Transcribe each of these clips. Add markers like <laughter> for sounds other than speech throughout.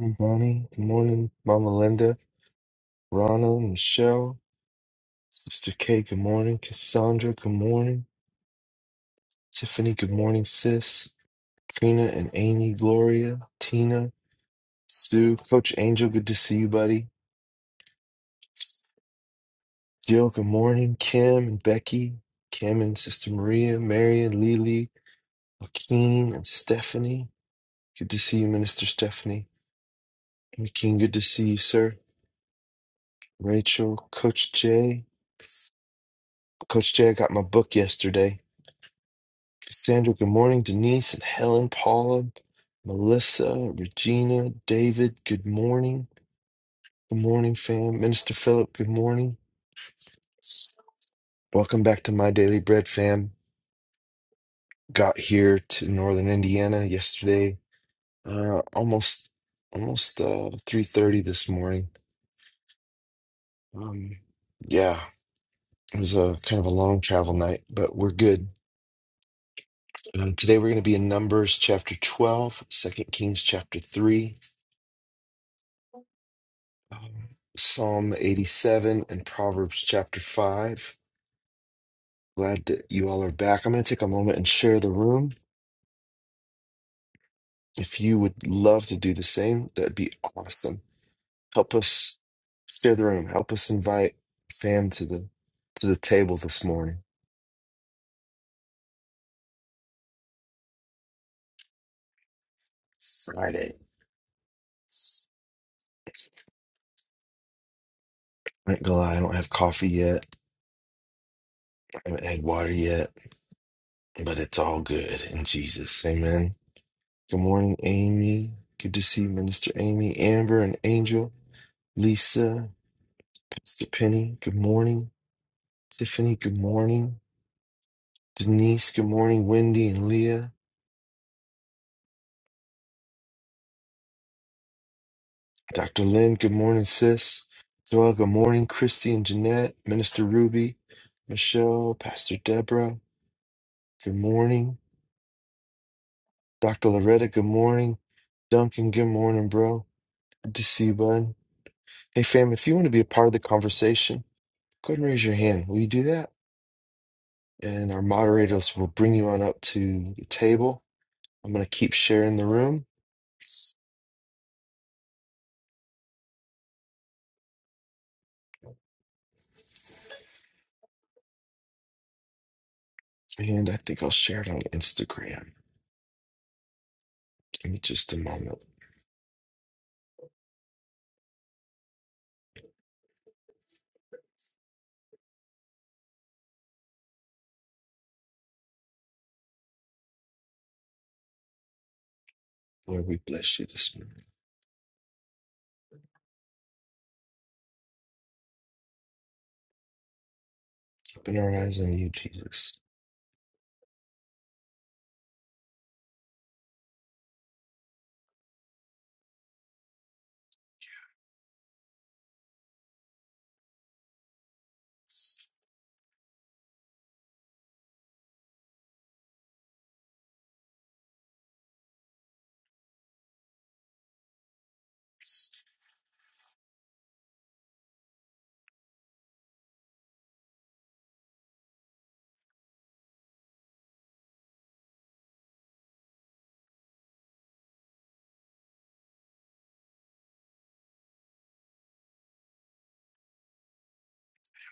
Good morning. Good morning, Mama Linda, Ronald, Michelle, Sister Kate. Good morning, Cassandra. Good morning, Tiffany. Good morning, Sis, Trina and Amy, Gloria, Tina, Sue, Coach Angel. Good to see you, buddy. Jill. Good morning, Kim and Becky, Kim and Sister Maria, Mary and Lily, Joaquin and Stephanie. Good to see you, Minister Stephanie. Joaquin, good to see you, sir. Rachel, Coach Jay. Coach Jay, I got my book yesterday. Cassandra, good morning. Denise and Helen, Paula, Melissa, Regina, David, good morning. Good morning, fam. Minister Philip, good morning. Welcome back to My Daily Bread, fam. Got here to Northern Indiana yesterday, uh, almost almost uh, 3:30 this morning. Um, yeah, it was a kind of a long travel night, but we're good. Um, today we're going to be in Numbers chapter 12, Second Kings chapter 3. um, Psalm 87 and Proverbs chapter 5. Glad that you all are back. I'm going to take a moment and share the room. If you would love to do the same, that'd be awesome. Help us share the room. Help us invite Sam to the to the table this morning. Friday. I ain't gonna lie, I don't have coffee yet. I haven't had water yet, but it's all good in Jesus. Amen. Good morning, Amy. Good to see Minister Amy, Amber, and Angel, Lisa, Pastor Penny. Good morning, Tiffany. Good morning, Denise. Good morning, Wendy and Leah. Dr. Lynn. Good morning, sis. Joel. Good morning, Christy and Jeanette, Minister Ruby, Michelle, Pastor Deborah. Good morning, Dr. Loretta. Good morning, Duncan. Good morning, bro. Good to see you, bud. Hey, fam, if you want to be a part of the conversation, go ahead and raise your hand. Will you do that? and our moderators will bring you on up to the table. I'm going to keep sharing the room, and I think I'll share it on Instagram. Give me just a moment. Lord, we bless you this morning. Keeping our eyes on you, Jesus.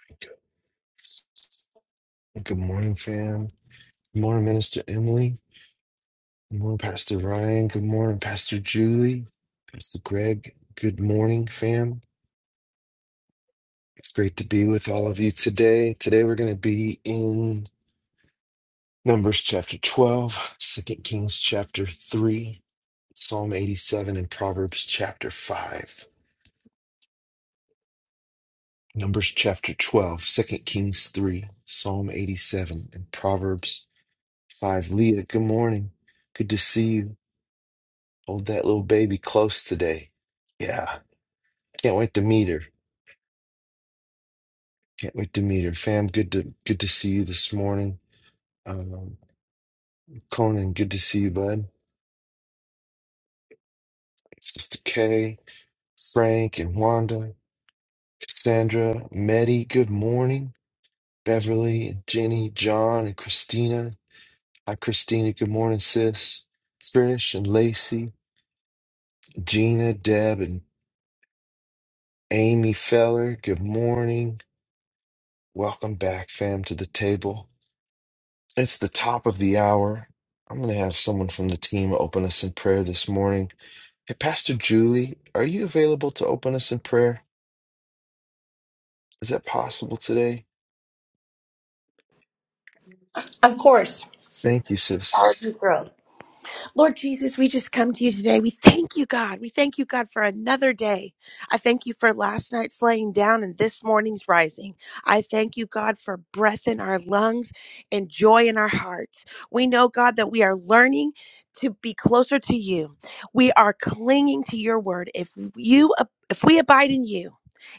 Thank you. Good morning, fam. Good morning, Minister Emily. Good morning, Pastor Ryan. Good morning, Pastor Julie. Pastor Greg. Good morning, fam. It's great to be with all of you today. Today, we're going to be in Numbers chapter 12, Second Kings chapter 3, Psalm 87, and Proverbs chapter 5. Numbers chapter 12, Second Kings 3, Psalm 87, and Proverbs 5. Leah, good morning. Good to see you. Hold that little baby close today. Yeah, can't wait to meet her. Can't wait to meet her. Fam, good to good to see you this morning. Um, Conan, good to see you, bud. Sister Kay, Frank, and Wanda. Cassandra, Meddy, good morning. Beverly, Jenny, John, and Christina. Hi, Christina. Good morning, sis. Trish and Lacey, Gina, Deb, and Amy Feller. Good morning. Welcome back, fam, to the table. It's the top of the hour. I'm going to have someone from the team open us in prayer this morning. Hey, Pastor Julie, are you available to open us in prayer? Is that possible today? Of course. Thank you, sis. You're thrilled. Lord Jesus, we just come to you today. We thank you, God. We thank you, God, for another day. I thank you for last night's laying down and this morning's rising. I thank you, God, for breath in our lungs and joy in our hearts. We know, God, that we are learning to be closer to you. We are clinging to your word. If you if we abide in you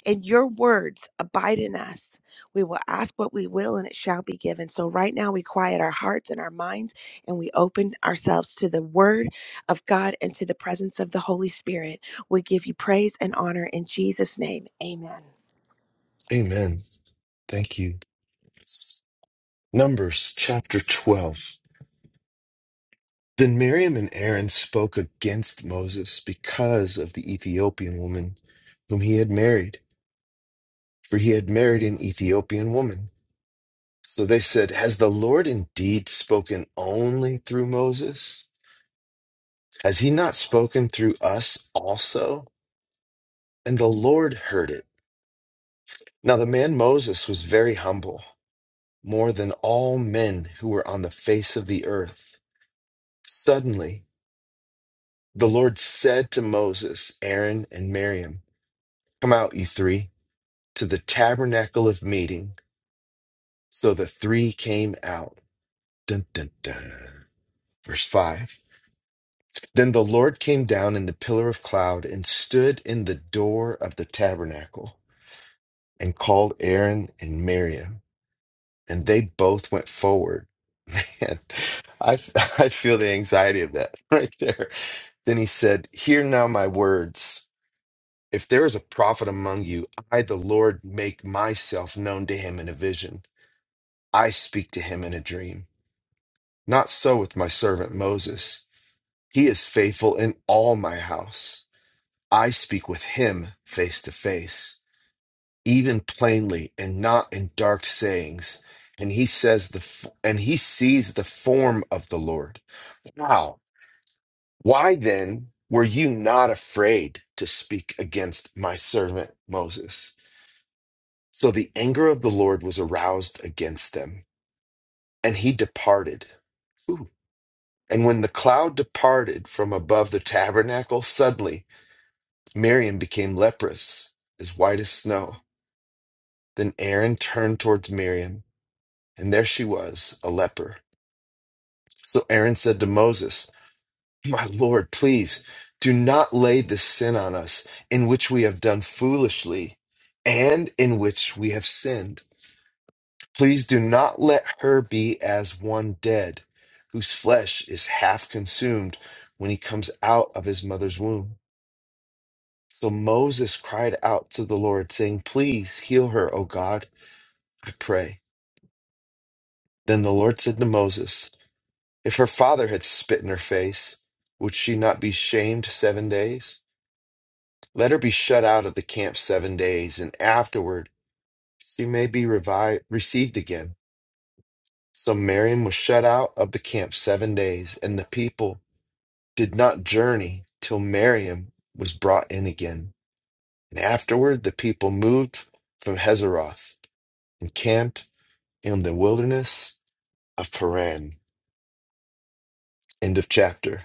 and your words abide in us, we will ask what we will and it shall be given. So right now we quiet our hearts and our minds and we open ourselves to the Word of God and to the presence of the Holy Spirit. We give you praise and honor in Jesus' name. Amen. Amen. Thank you. Numbers chapter 12. Then Miriam and Aaron spoke against Moses because of the Ethiopian woman whom he had married, for he had married an Ethiopian woman. So they said, Has the Lord indeed spoken only through Moses? Has he not spoken through us also? And the Lord heard it. Now the man Moses was very humble, more than all men who were on the face of the earth. Suddenly, The Lord said to Moses, Aaron, and Miriam, Come out, you three, to the tabernacle of meeting. So the three came out. Dun, dun, dun. Verse 5 Then the Lord came down in the pillar of cloud and stood in the door of the tabernacle and called Aaron and Miriam, and they both went forward. <laughs> Man, I, I feel the anxiety of that <laughs> right there. Then he said, Hear now my words. If there is a prophet among you, I, the Lord, make myself known to him in a vision. I speak to him in a dream. Not so with my servant Moses. He is faithful in all my house. I speak with him face to face, even plainly and not in dark sayings. And he says the f- and he sees the form of the Lord. Wow. Why then were you not afraid to speak against my servant Moses? So the anger of the Lord was aroused against them, and he departed. Ooh. And when the cloud departed from above the tabernacle, suddenly Miriam became leprous, as white as snow. Then Aaron turned towards Miriam, and there she was, a leper. So Aaron said to Moses, My Lord, please do not lay this sin on us, in which we have done foolishly and in which we have sinned. Please do not let her be as one dead, whose flesh is half consumed when he comes out of his mother's womb. So Moses cried out to the Lord, saying, Please heal her, O God, I pray. Then the Lord said to Moses, If her father had spit in her face, would she not be shamed seven days? Let her be shut out of the camp seven days, and afterward she may be revived, received again. So Miriam was shut out of the camp seven days, and the people did not journey till Miriam was brought in again. And afterward the people moved from Hazeroth and camped in the wilderness of Paran. End of chapter.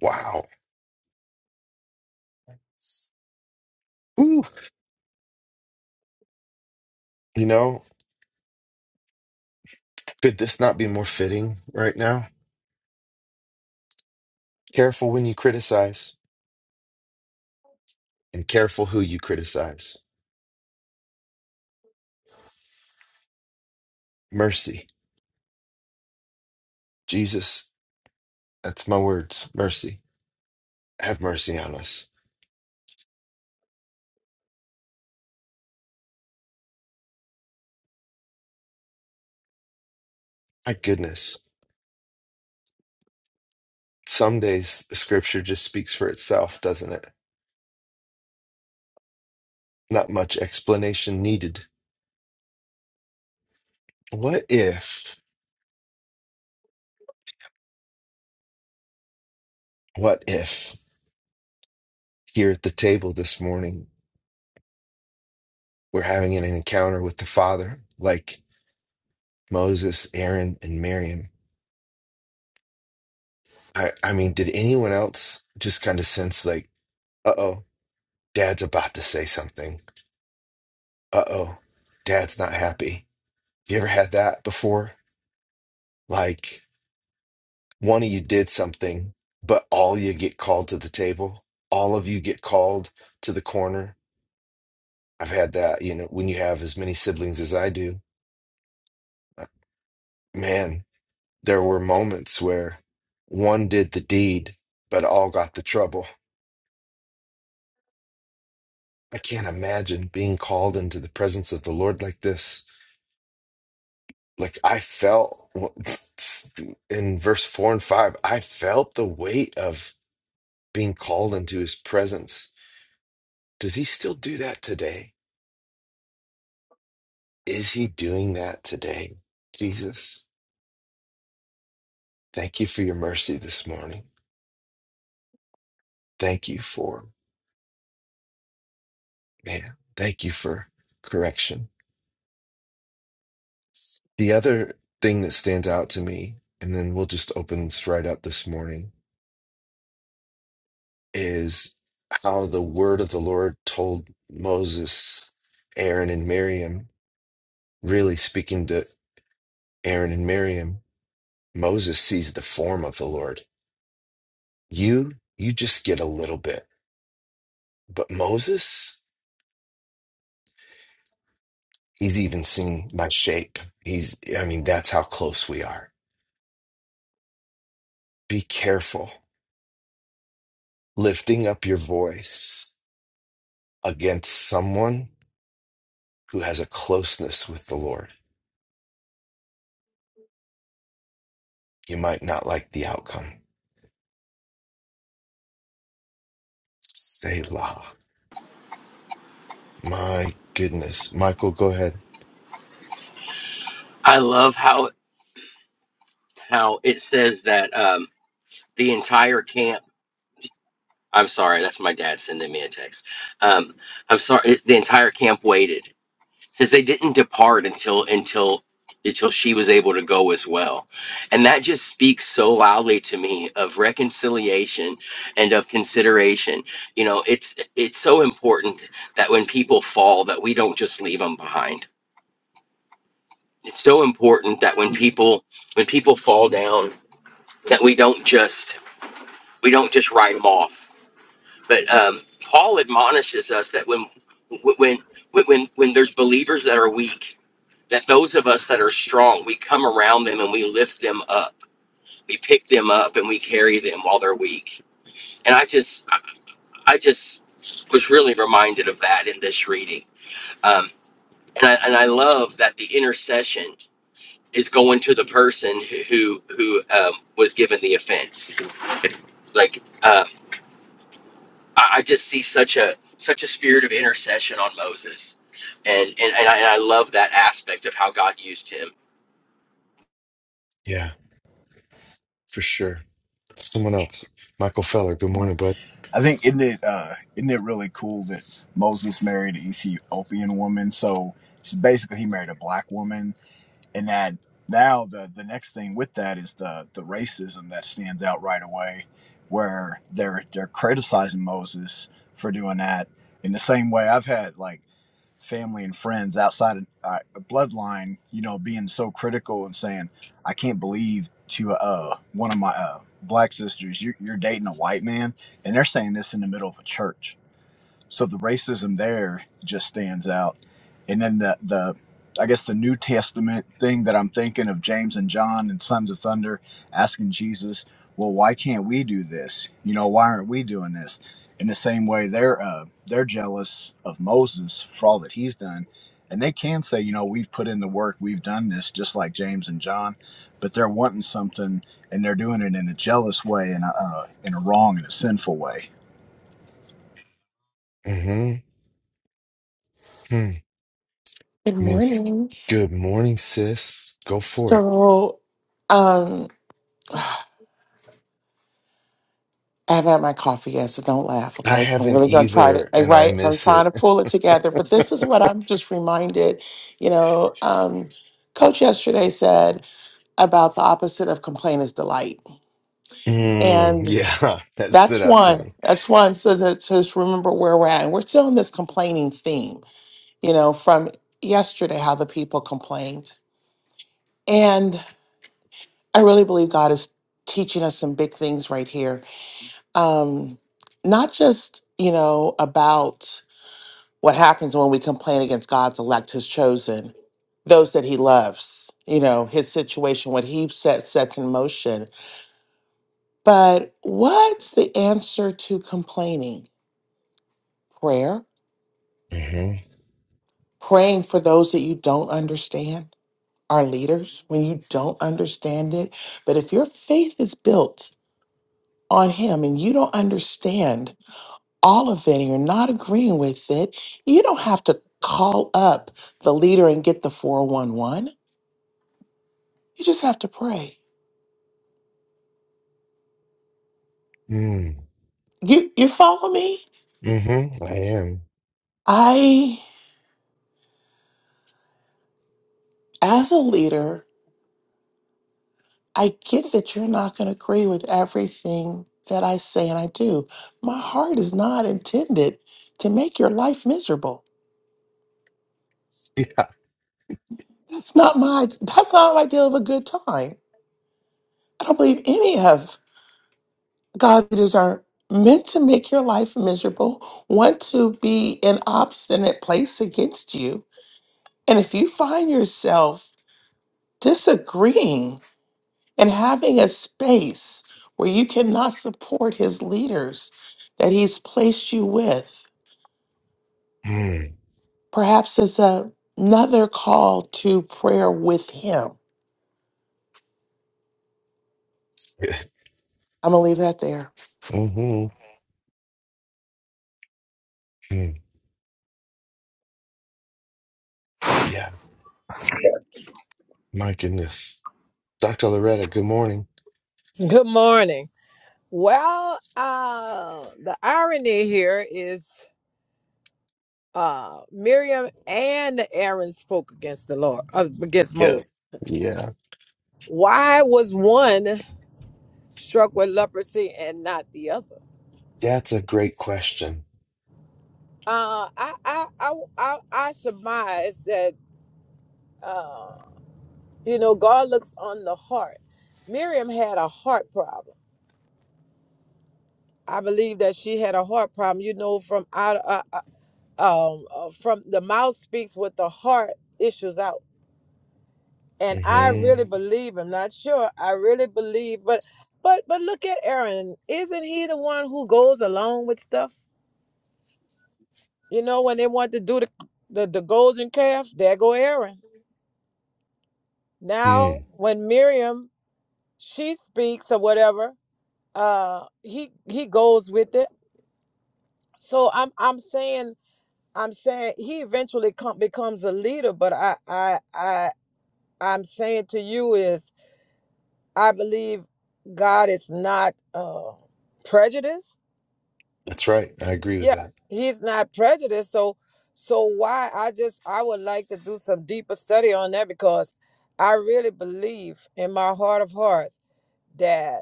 Wow. Ooh! You know, could this not be more fitting right now? Careful when you criticize and careful who you criticize. Mercy. Jesus, that's my words. Mercy. Have mercy on us. My goodness. Some days the scripture just speaks for itself, doesn't it? Not much explanation needed. What if, what if here at the table this morning, we're having an encounter with the Father, like Moses, Aaron, and Miriam? I, I mean, did anyone else just kind of sense like, uh oh, dad's about to say something? Uh oh, dad's not happy. You ever had that before? Like, one of you did something, but all you get called to the table, all of you get called to the corner I've had that, you know, when you have as many siblings as I do, uh, man, there were moments where one did the deed, but all got the trouble. I can't imagine being called into the presence of the Lord like this. Like I felt <laughs> <tsk> in verse four and five, I felt the weight of being called into his presence. Does he still do that today? Is he doing that today? Jesus, thank you for your mercy this morning. Thank you for Man, thank you for correction. The other thing that stands out to me, and then we'll just open this right up this morning, is how the word of the Lord told Moses, Aaron, and Miriam, really speaking to Aaron and Miriam, Moses sees the form of the Lord. You, you just get a little bit. But Moses, he's even seen my shape. He's, I mean, that's how close we are. Be careful lifting up your voice against someone who has a closeness with the Lord. You might not like the outcome. Selah. My goodness. Michael, go ahead. I love how how it says that um, the entire camp. I'm sorry, that's my dad sending me a text. Um, I'm sorry, it- the entire camp waited. Says they didn't depart until until until she was able to go as well, and that just speaks so loudly to me of reconciliation and of consideration. You know, it's it's so important that when people fall, that we don't just leave them behind. It's so important that when people when people fall down, that we don't just we don't just write them off. But um, Paul admonishes us that when when when when there's believers that are weak, that those of us that are strong, we come around them and we lift them up, we pick them up and we carry them while they're weak. And I just I just was really reminded of that in this reading, um, and I and I love that the intercession is going to the person who who who, um, was given the offense, like. Um, I, I just see such a such a spirit of intercession on Moses, and and and I, and I love that aspect of how God used him. Yeah, for sure. Someone else. Michael Feller, good morning, bud. I think isn't it uh, isn't it really cool that Moses married an Ethiopian woman? So she's basically he married a black woman, and that now the the next thing with that is the the racism that stands out right away, where they're they're criticizing Moses for doing that in the same way I've had like family and friends outside of uh, bloodline, you know, being so critical and saying, I can't believe to uh, one of my uh, black sisters, you're, you're dating a white man. And they're saying this in the middle of a church. So the racism there just stands out. And then the the I guess the New Testament thing that I'm thinking of James and John and Sons of Thunder asking Jesus, well, why can't we do this? You know, why aren't we doing this? In the same way, they're uh, they're jealous of Moses for all that he's done, and they can say, you know, we've put in the work, we've done this, just like James and John, but they're wanting something and they're doing it in a jealous way and uh, in a wrong and a sinful way. Mm-hmm. Hmm. Good Means morning. good morning, sis. Go for it. So, um, I haven't had my coffee yet, so don't laugh, I okay? I'm haven't really gonna try to, either, like, and I right? I'm miss trying it. to <laughs> pull it together, but this is what I'm just reminded. You know, um, Coach yesterday said about the opposite of complaint is delight, Mm, and yeah, <laughs> that stood that's out to one. me. That's one. So that to just remember where we're at, and we're still in this complaining theme. You know, from yesterday, how the people complained, and I really believe God is teaching us some big things right here um, not just you know about what happens when we complain against God's elect, His chosen, those that He loves. You know His situation, what He set, sets in motion. But what's the answer to complaining? Prayer, Mm-hmm. praying for those that you don't understand. Our leaders, when you don't understand it, but if your faith is built on Him and you don't understand all of it and you're not agreeing with it, you don't have to call up the leader and get the 411. You just have to pray. Mm, You you follow me? mm-hmm. I am. I as a leader, I get that you're not going to agree with everything that I say and I do. My heart is not intended to make your life miserable. That's not my that's not my deal of a good time. I don't believe any of God leaders are meant to make your life miserable, want to be an obstinate place against you. And if you find yourself disagreeing and having a space where you cannot support his leaders that he's placed you with, Mm, perhaps it's a- another call to prayer with him. <laughs> I'm going to leave that there. mm-hmm. Mm, yeah. My goodness. Dr. Loretta, good morning. Good morning. Well, uh, the irony here is uh, Miriam and Aaron spoke against the Lord, uh, against Yeah. Moses. Yeah. Why was one struck with leprosy and not the other? That's a great question. Uh, I, I, I, I, I surmise that, uh, you know, God looks on the heart. Miriam had a heart problem. I believe that she had a heart problem. You know, from out, uh, uh, um, uh, from the mouth speaks with the heart issues out. and I hmm really Mhm. believe I'm not sure. I really believe, but but but look at Aaron. Isn't he the one who goes along with stuff? You know, when they want to do the the, the golden calf, there go Aaron. Now Mhm. when Miriam she speaks or whatever, uh he he goes with it. So I'm I'm saying I'm saying he eventually come, becomes a leader, but I I I I'm saying to you is I believe God is not uh, prejudiced. That's right. I agree with Yeah, that. He's not prejudiced. So, so why? I just I would like to do some deeper study on that because I really believe in my heart of hearts that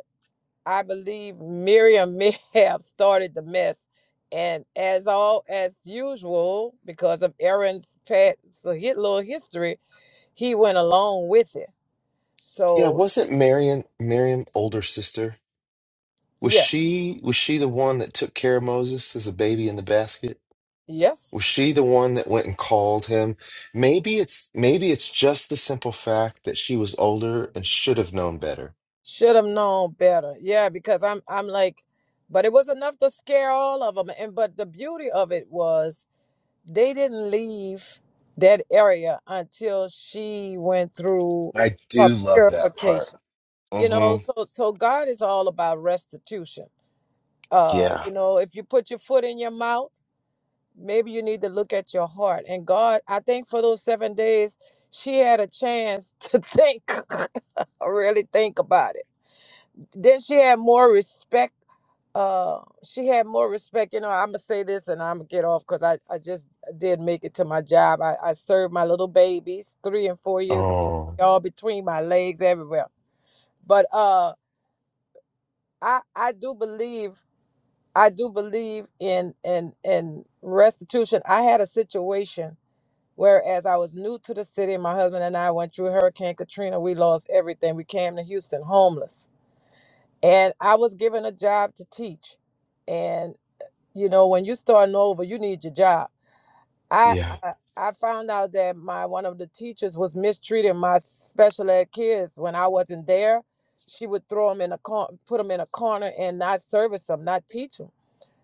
I believe Miriam may <laughs> have started the mess, and as all as usual, because of Aaron's past so his little history, he went along with it. Yeah, So wasn't Marion Miriam older sister? Was yeah, she was she the one that took care of Moses as a baby in the basket? yes. Was she the one that went and called him? Maybe it's maybe it's just the simple fact that she was older and should have known better. Should have known better. Yeah, because I'm I'm like, but it was enough to scare all of them. And but the beauty of it was they didn't leave that area until she went through I her do love that part. purification. You know, hmm so so God is all about restitution. Uh, Yeah. you know, if you put your foot in your mouth, maybe you need to look at your heart. And God, I think for those seven days, she had a chance to think, <laughs> really think about it then she had more respect uh she had more respect you know i'm gonna say this and i'm gonna get off because I, I just did make it to my job I, I served my little babies three and four years old Oh, all between my legs everywhere but uh i i do believe i do believe in in in restitution i had a situation whereas i was new to the city my husband and i went through hurricane katrina we lost everything we came to houston homeless and I was given a job to teach. And you know, when you are starting over, you need your job. I yeah. I, I found out that my one of the teachers was mistreating my special ed kids when I wasn't there. She would throw them in a corner, put them in a corner, and not service them, not teach them.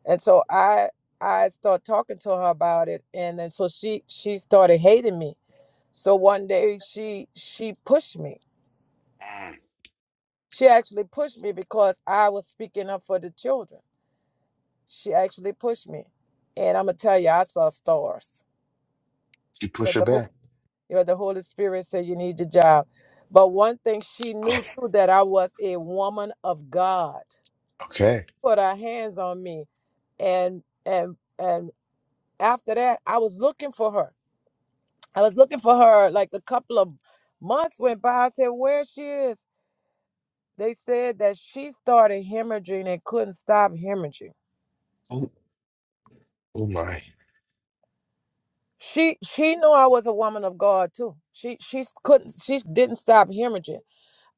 And so I I started talking to her about it, and then so she she started hating me. So one day she she pushed me. Mm. She actually pushed me because I was speaking up for the children She actually pushed me. And I'm gonna tell you, I saw stars. You push But her the Hol- back. yeah, the Holy Spirit said you need your job. But one thing she knew too that I was a woman of God. Okay. Put her hands on me, and and and after that, I was looking for her. I was looking for her. Like a couple of months went by. I said, "Where she is?" They said that she started hemorrhaging and couldn't stop hemorrhaging. Oh, oh my. she she knew I was a woman of God too. She she s- couldn't she s- didn't stop hemorrhaging.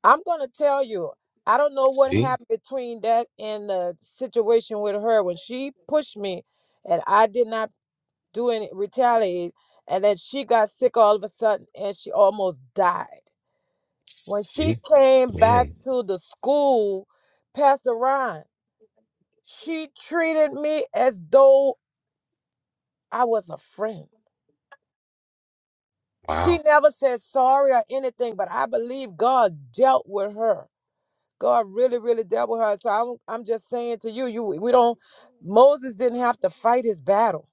I'm gonna tell you, I don't know what See? happened between that and the situation with her when she pushed me, and I did not do any retaliate, and then she got sick all of a sudden and she almost died. When she See? came back Man. to the school, Pastor Ron, she treated me as though I was a friend. She Wow. never said sorry or anything, but I believe God dealt with her. God really, really dealt with her. So I'm, I'm just saying to you, you, we don't. Moses didn't have to fight his battle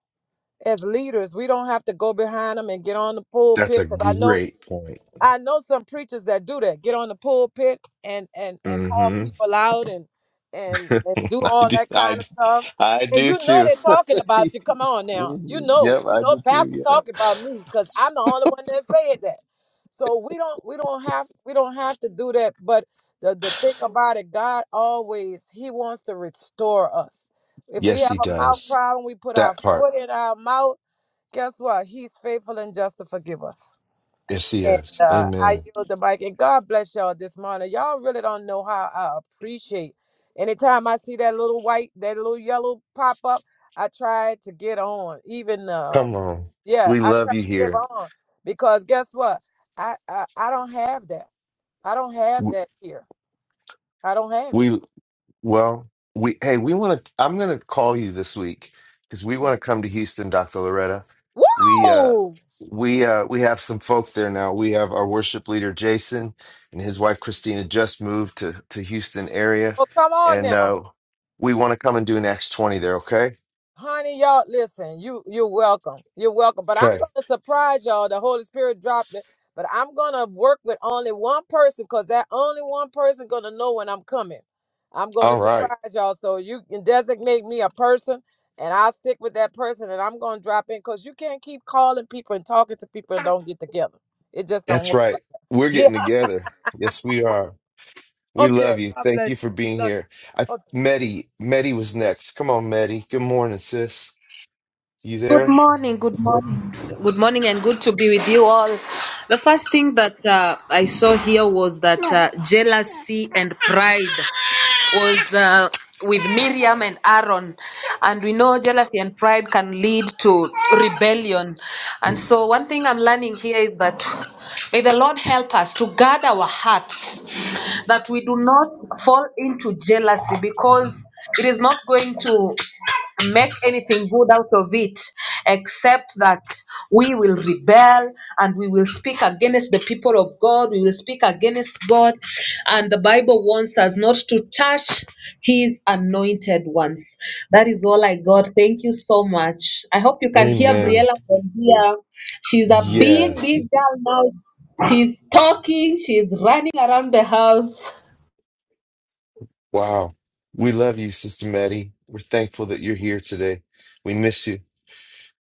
as leaders. We don't have to go behind them and get on the That's pulpit a because I know great point. I know some preachers that do that. Get on the pulpit and and and call Mm. people out and and, hmm and <laughs> do I all do that I, kind of do- stuff. I And do you know too. they're talking <laughs> about you. Come on now, you Mhm. know Yep, you I know do too. pastor Yeah. talking about me because I'm the only one that said that. So we don't we don't have we don't have to do that. But the the thing about it, God always He wants to restore us. If we Yes, have he a mouth does. problem, we put our That part. foot in our mouth. Guess what? He's faithful and just to forgive us. Yes, he And is. uh, I Amen. yield the mic. And God bless y'all this morning. Y'all really don't know how I appreciate. Anytime I see that little white, that little yellow pop up, I try to get on. Even um, Come on. yeah, We I love try you to give here. on because guess what? I I, I don't have that. I don't have W- that here. I don't have it. We, Well, we hey, we want to. I'm going to call you this week because we want to come to Houston, Dr. Loretta. Woo! We uh, Oh, we uh, we have some folk there now. We have our worship leader Jason and his wife Christina just moved to to Houston area, come on and now. uh, we want to come and do an Acts 20 there. Okay. Honey, y'all, listen, you you're welcome. You're welcome. But I'm Okay. gonna surprise y'all. The Holy Spirit dropped it. But I'm gonna work with only one person because that only one person gonna know when I'm coming. I'm gonna All right. surprise y'all. So you can designate me a person and I'll stick with that person and I'm gonna drop in because you can't keep calling people and talking to people and don't get together. It just don't That's work. right. Like We're <laughs> yeah. getting together. Yes, we are. We Okay. love you. God Thank bless you for you. being Love here. I you. Medi Medi was next. Come on, Medi. Good morning, sis. You Good there? morning, good morning. Good morning, and good to be with you all. The first thing that uh, I saw here was that uh, jealousy and pride was uh, with Miriam and Aaron. And we know jealousy and pride can lead to rebellion. And so, one thing I'm learning here is that may the Lord help us to guard our hearts, that we do not fall into jealousy because it is not going to make anything good out of it except that we will rebel and we will speak against the people of God, we will speak against God. And the Bible wants us not to touch His anointed ones. That is all I got. Thank you so much. I hope you can hear Amen. Briella from here. She's a big, Yes. big girl now. She's talking, she's running around the house. Wow. We love you, Sister Maddie. We're thankful that you're here today. We miss you.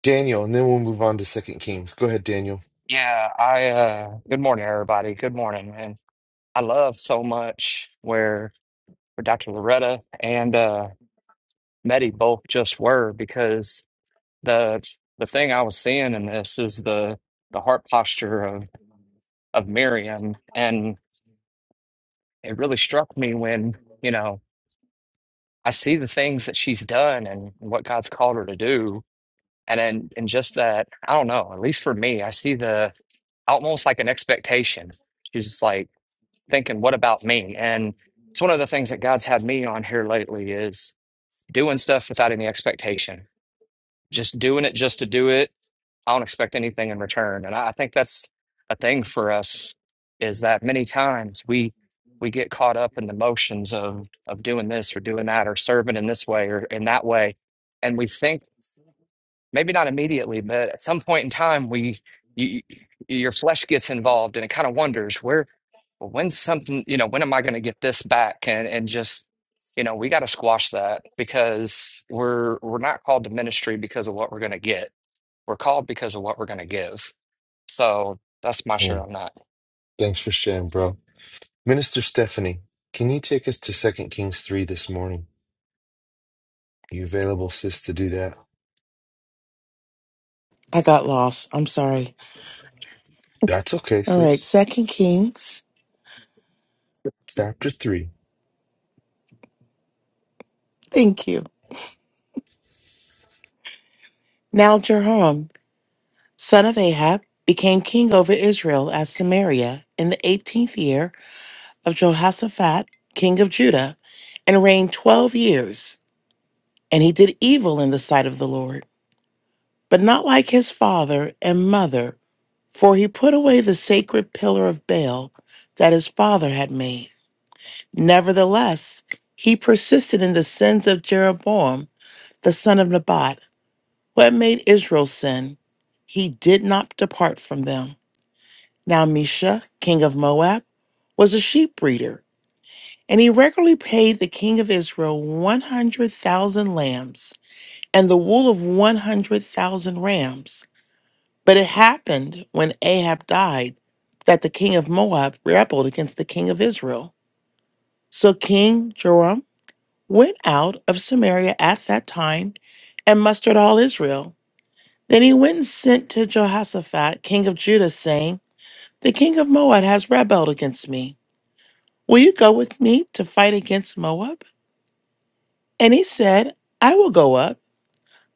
Daniel, and then we'll move on to Second Kings. Go ahead, Daniel. Yeah, I uh good morning everybody. Good morning, man. I love so much where where Dr. Loretta and uh Medi both just were because the the thing I was seeing in this is the the heart posture of of Miriam and it really struck me when, you know, I see the things that she's done and what God's called her to do and then and just that, I don't know, at least for me, I see the almost like an expectation. She's just like thinking, what about me? And it's one of the things that God's had me on here lately is doing stuff without any expectation, just doing it just to do it. I don't expect anything in return. And I I think that's a thing for us is that many times we we get caught up in the motions of of doing this or doing that or serving in this way or in that way. And we think maybe not immediately, but at some point in time, we you, your flesh gets involved and it kind of wonders where well, when's something you know when am I going to get this back and and just you know we got to squash that because we're we're not called to ministry because of what we're going to get. We're called because of what we're going to give. So that's my share Hey, on that. thanks for sharing, bro. Minister Stephanie, can you take us to Second Kings 3 this morning? You available, sis, to do that? I got lost. I'm sorry. That's okay, All right. sis. Second Kings. Chapter 3. Thank you. Now, Jerome. son of Ahab, became king over Israel at Samaria in the eighteenth year of Jehoshaphat, king of Judah, and reigned twelve years. And he did evil in the sight of the Lord, but not like his father and mother, for he put away the sacred pillar of Baal that his father had made. Nevertheless, he persisted in the sins of Jeroboam, the son of Nebat, who had made Israel sin. He did not depart from them. Now Misha, king of Moab, was a sheep breeder, and he regularly paid the king of Israel 100,000 lambs and the wool of 100,000 rams. But it happened when Ahab died that the king of Moab rebelled against the king of Israel. So King Joram went out of Samaria at that time and mustered all Israel. Then he went and sent to Jehoshaphat, king of Judah, saying, The king of Moab has rebelled against me. Will you go with me to fight against Moab? And he said, I will go up.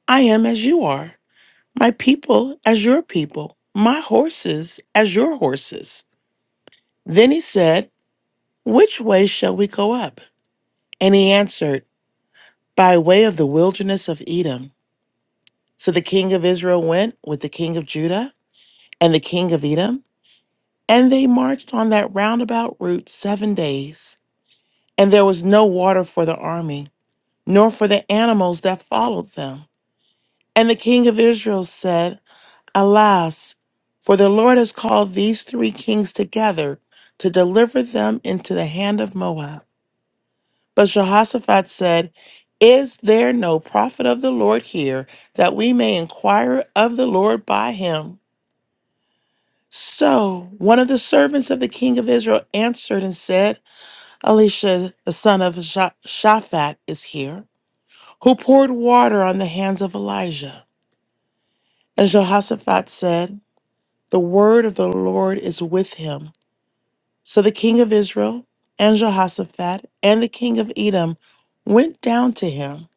I am as you are, my people as your people, my horses as your horses. Then he said, Which way shall we go up? And he answered, By way of the wilderness of Edom. So the king of Israel went with the king of Judah and the king of Edom, and they marched on that roundabout route seven days. And there was no water for the army, nor for the animals that followed them. And the king of Israel said, Alas, for the Lord has called these three kings together to deliver them into the hand of Moab. But Jehoshaphat said, Is there no prophet of the Lord here that we may inquire of the Lord by him? So one of the servants of the king of Israel answered and said, Elisha, the son of Sha- Shaphat, is here, who poured water on the hands of Elijah. And Jehoshaphat said, The word of the Lord is with him. So the king of Israel and Jehoshaphat and the king of Edom went down to him.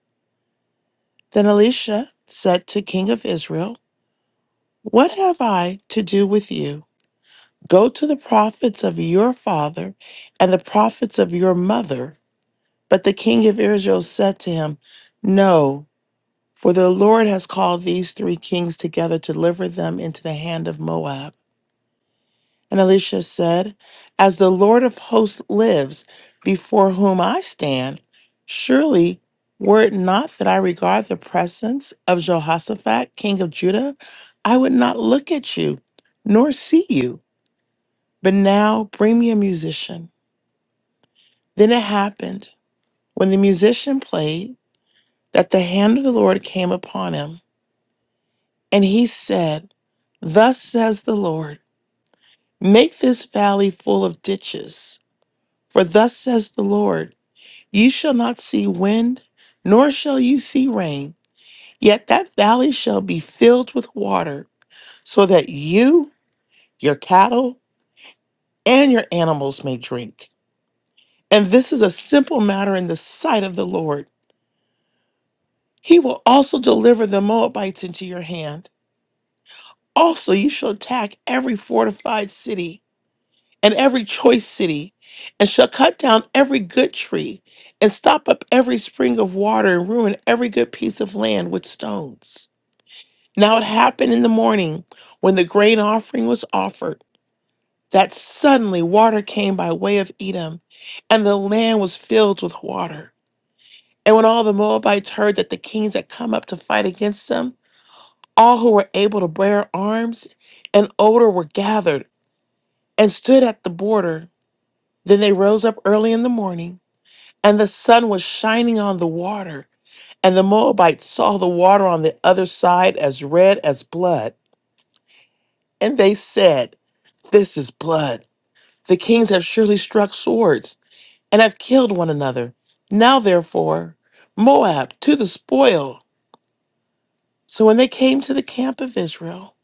Then Elisha said to king of Israel, What have I to do with you? Go to the prophets of your father and the prophets of your mother. But the king of Israel said to him, No, for the Lord has called these three kings together to deliver them into the hand of Moab. And Elisha said, As the Lord of hosts lives, before whom I stand, surely were it not that I regard the presence of Jehoshaphat, king of Judah, I would not look at you nor see you. But now bring me a musician. Then it happened, when the musician played, that the hand of the Lord came upon him. And he said, Thus says the Lord, make this valley full of ditches. For thus says the Lord, You shall not see wind, nor shall you see rain, yet that valley shall be filled with water, so that you, your cattle, and your animals may drink. And this is a simple matter in the sight of the Lord. He will also deliver the Moabites into your hand. Also, you shall attack every fortified city and every choice city, and shall cut down every good tree, and stop up every spring of water, and ruin every good piece of land with stones. Now it happened in the morning when the grain offering was offered that suddenly water came by way of Edom, and the land was filled with water. And when all the Moabites heard that the kings had come up to fight against them, all who were able to bear arms and older were gathered and stood at the border. Then they rose up early in the morning, and the sun was shining on the water. And the Moabites saw the water on the other side as red as blood. And they said, This is blood. The kings have surely struck swords and have killed one another. Now, therefore, Moab to the spoil. So when they came to the camp of Israel,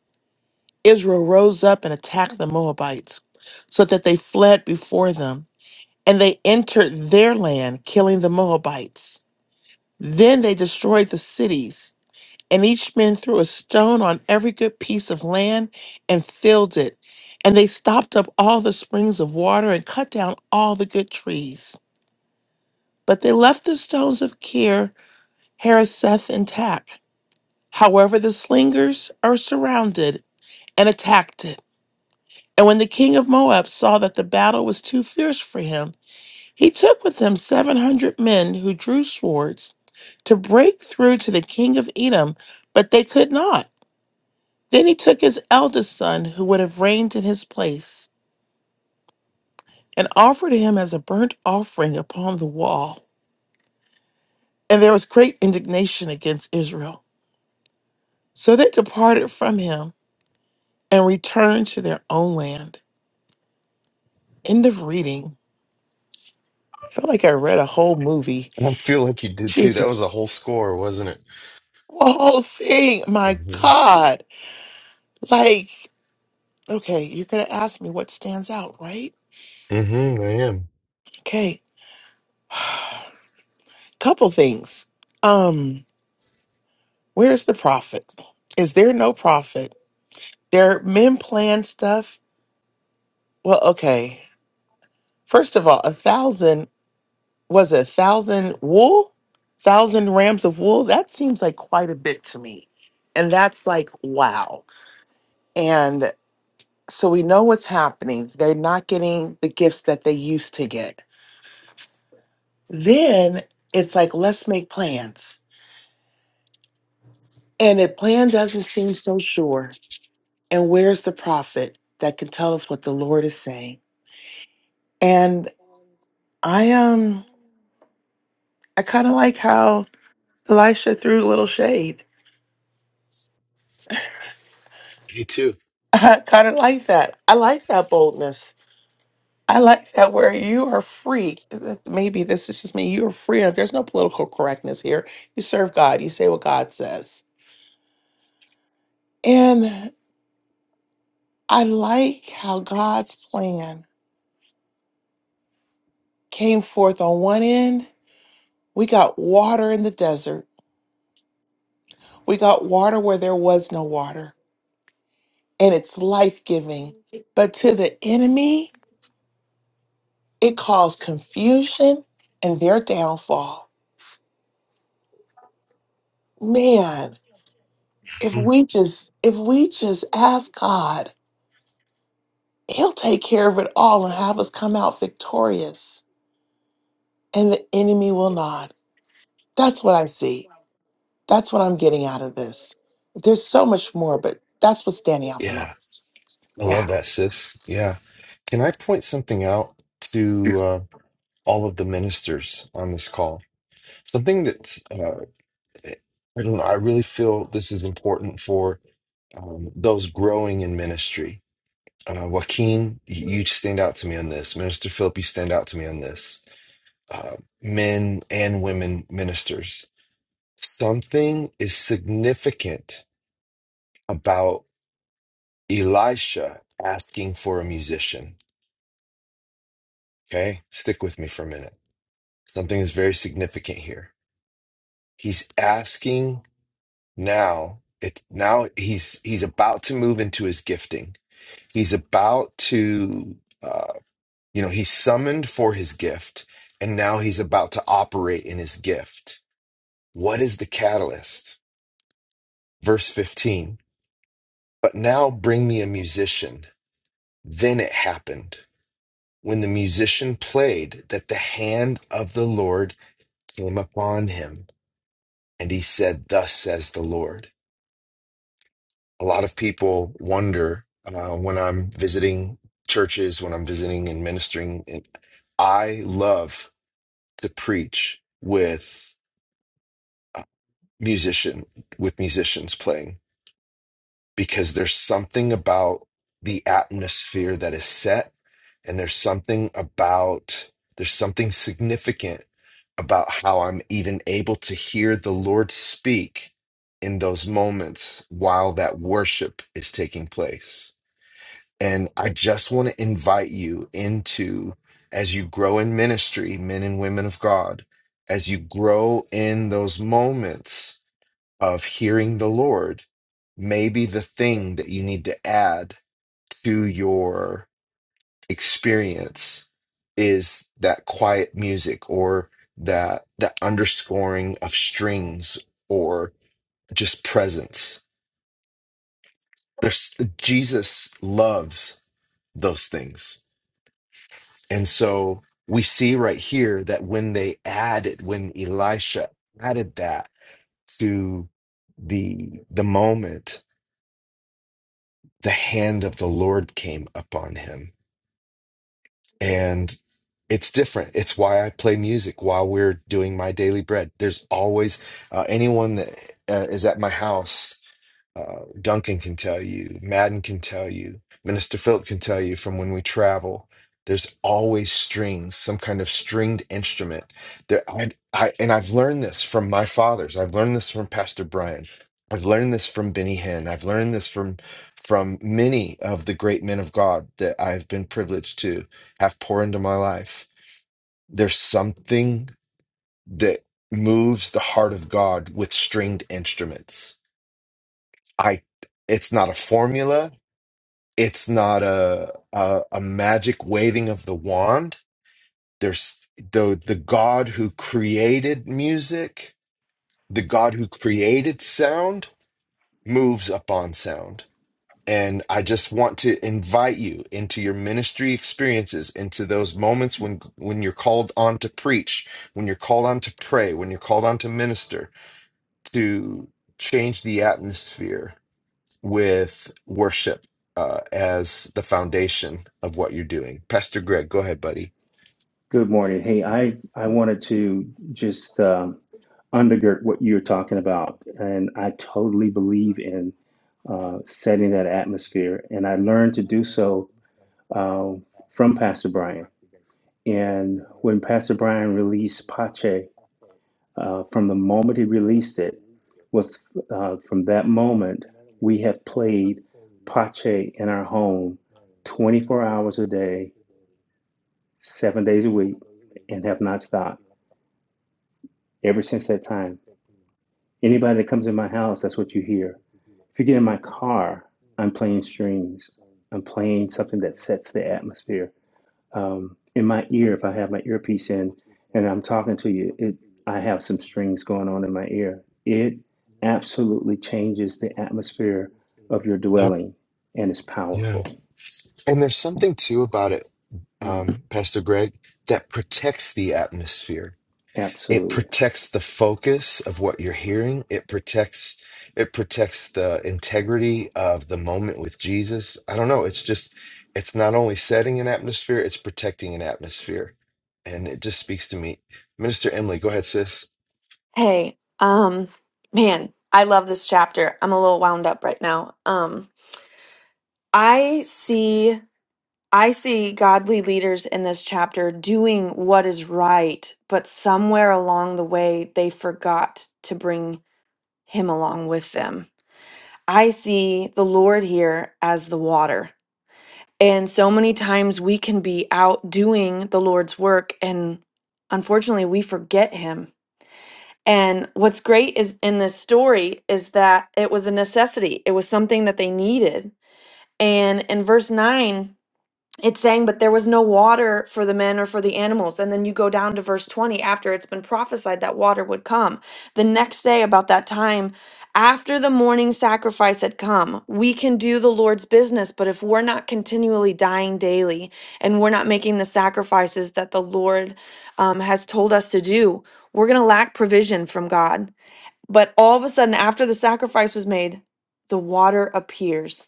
Israel rose up and attacked the Moabites, so that they fled before them, and they entered their land, killing the Moabites. Then they destroyed the cities And each man threw a stone on every good piece of land and filled it. And they stopped up all the springs of water and cut down all the good trees. But they left the stones of Kir, Hareseth, intact. However, the slingers are surrounded and attacked it. And when the king of Moab saw that the battle was too fierce for him, he took with him 700 men who drew swords to break through to the king of Edom, but they could not. Then he took his eldest son, who would have reigned in his place, and offered him as a burnt offering upon the wall. And there was great indignation against Israel. So they departed from him and returned to their own land. End of reading. I feel like I read a whole movie. I feel like you did too. That was the Jesus. whole score, wasn't it? The whole thing. My Mm-hmm. God. Like, okay, you're gonna ask me what stands out, right? Mm-hmm. I am. Okay. Couple things. Um, where's the prophet? Is there no prophet? Their men plan stuff. Well, okay. First of all, a thousand was it a thousand wool, thousand rams of wool. That seems like quite a bit to me, and that's like wow. And so we know what's happening. They're not getting the gifts that they used to get. Then it's like let's make plans, and the plan doesn't seem so sure. And where's the prophet that can tell us what the Lord is saying? And I um I kind of like how. Elisha threw a little shade. Me too. <laughs> I kind of like that. I like that boldness. I like that where you are free. uh, Maybe this is just me. You are free. and There's no political correctness here. You serve God. You say what God says. And I like how God's plan came forth on one end. We got water in the desert. We got water where there was no water. And it's life giving. But to the enemy, it caused confusion and their downfall. Man, if Mhm. we just if we just ask God, he'll take care of it all and have us come out victorious and the enemy will not. That's what I see. That's what I'm getting out of this. There's so much more, but that's what's standing out the Yeah. most. I Yeah. love that, sis. Yeah. Can I point something out to uh, all of the ministers on this call? Something that's, uh, I don't know, I really feel this is important for um, those growing in ministry. Uh, Joaquin, you you stand out to me on this. Minister Philip, you stand out to me on this. Uh, men and women ministers. Something is significant about Elisha asking for a musician. Okay, stick with me for a minute Something is very significant here. He's asking now. It now he's he's about to move into his gifting. He's about to uh, you know he's summoned for his gift, and now he's about to operate in his gift. What is the catalyst? Verse fifteen. But now bring me a musician. Then it happened when the musician played that the hand of the Lord came upon him, and he said, "Thus says the Lord." A lot of people wonder uh, when I'm visiting churches, when I'm visiting and ministering. And I love to preach with uh, musician with musicians playing because there's something about the atmosphere that is set, and there's something about there's something significant about how I'm even able to hear the Lord speak in those moments while that worship is taking place And I just want to invite you into, as you grow in ministry, men and women of God, as you grow in those moments of hearing the Lord, maybe the thing that you need to add to your experience is that quiet music or that that underscoring of strings or just presence. There's Jesus loves those things And so we see right here that when they added, when Elisha added that to the the moment, the hand of the Lord came upon him. And it's different. It's why I play music while we're doing my daily bread. There's always uh, anyone that uh, is at my house. Uh, Duncan can tell you, Madden can tell you, Minister Philip can tell you from when we travel. There's always strings, some kind of stringed instrument. There, I, I, and I've learned this from my fathers. I've learned this from Pastor Brian. I've learned this from Benny Hinn. I've learned this from from many of the great men of God that I've been privileged to have pour into my life. There's something that moves the heart of God with stringed instruments I it's not a formula. It's not a a, a magic waving of the wand. There's the the God who created music, the God who created sound moves upon sound. And I just want to invite you into your ministry experiences, into those moments when when you're called on to preach, when you're called on to pray, when you're called on to minister, to change the atmosphere with worship uh, as the foundation of what you're doing. Pastor Greg, go ahead, buddy. Good morning. Hey, I, I wanted to just um, undergird what you're talking about, and I totally believe in uh, setting that atmosphere. And I learned to do so uh, from Pastor Brian. And when Pastor Brian released Pache, uh, from the moment he released it, was uh, from that moment we have played Pache in our home 24 hours a day, seven days a week, and have not stopped. Ever since that time, anybody that comes in my house, that's what you hear. If you get in my car, I'm playing strings. I'm playing something that sets the atmosphere. Um, in my ear, if I have my earpiece in and I'm talking to you, it, I have some strings going on in my ear. It absolutely changes the atmosphere of your Yep. dwelling and it's Yeah. powerful. And there's something too about it, Mm. um, Pastor Greg, that protects the atmosphere. It Absolutely. protects the focus of what you're hearing. It protects it protects the integrity of the moment with Jesus. I don't know. It's just it's not only setting an atmosphere, it's protecting an atmosphere. And it just speaks to me. Minister Emily, go ahead, sis. Hey, um, man, I love this chapter. I'm a little wound up right now. Um, I see I see godly leaders in this chapter doing what is right, but somewhere along the way they forgot to bring him along with them. I see the Lord here as the water. And so many times we can be out doing the Lord's work and unfortunately we forget him And what's great is in this story is that it was a necessity. It was something that they needed. And in verse 9, it's saying, but there was no water for the men or for the animals. And then you go down to verse 20 after it's been prophesied that water would come. The next day, about that time, after the morning sacrifice had come, we can do the Lord's business. But if we're not continually dying daily and we're not making the sacrifices that the Lord um, has told us to do, we're going to lack provision from God. But all of a sudden, after the sacrifice was made, the water appears.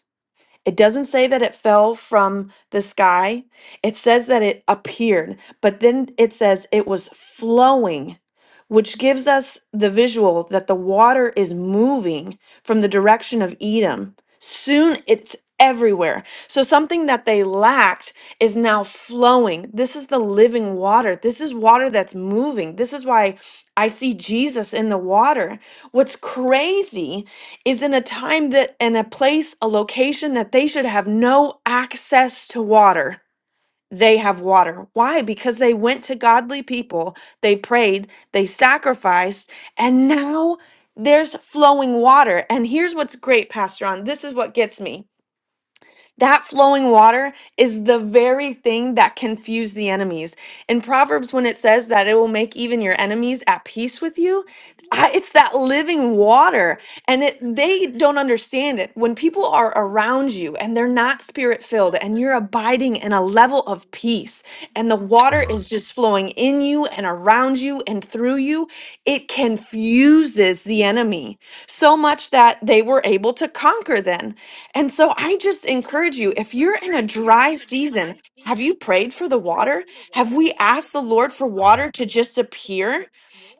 It doesn't say that it fell from the sky. It says that it appeared, but then it says it was flowing, which gives us the visual that the water is moving from the direction of Edom. Soon it's everywhere. So something that they lacked is now flowing. This is the living water. This is water that's moving. This is why I see Jesus in the water. What's crazy is in a time that and a place, a location that they should have no access to water. They have water. Why? Because they went to godly people, they prayed, they sacrificed, and now there's flowing water. And here's what's great, Pastor On. This is what gets me. That flowing water is the very thing that confused the enemies. In Proverbs, when it says that it will make even your enemies at peace with you, I- it's that living water. And it, they don't understand it. When people are around you and they're not spirit filled and you're abiding in a level of peace and the water Come is just flowing in you and around you and through you, it confuses the enemy so much that they were able to conquer then. And so I just encourage you if you're in a dry season, have you prayed for the water? Have we asked the Lord for on. water to just appear?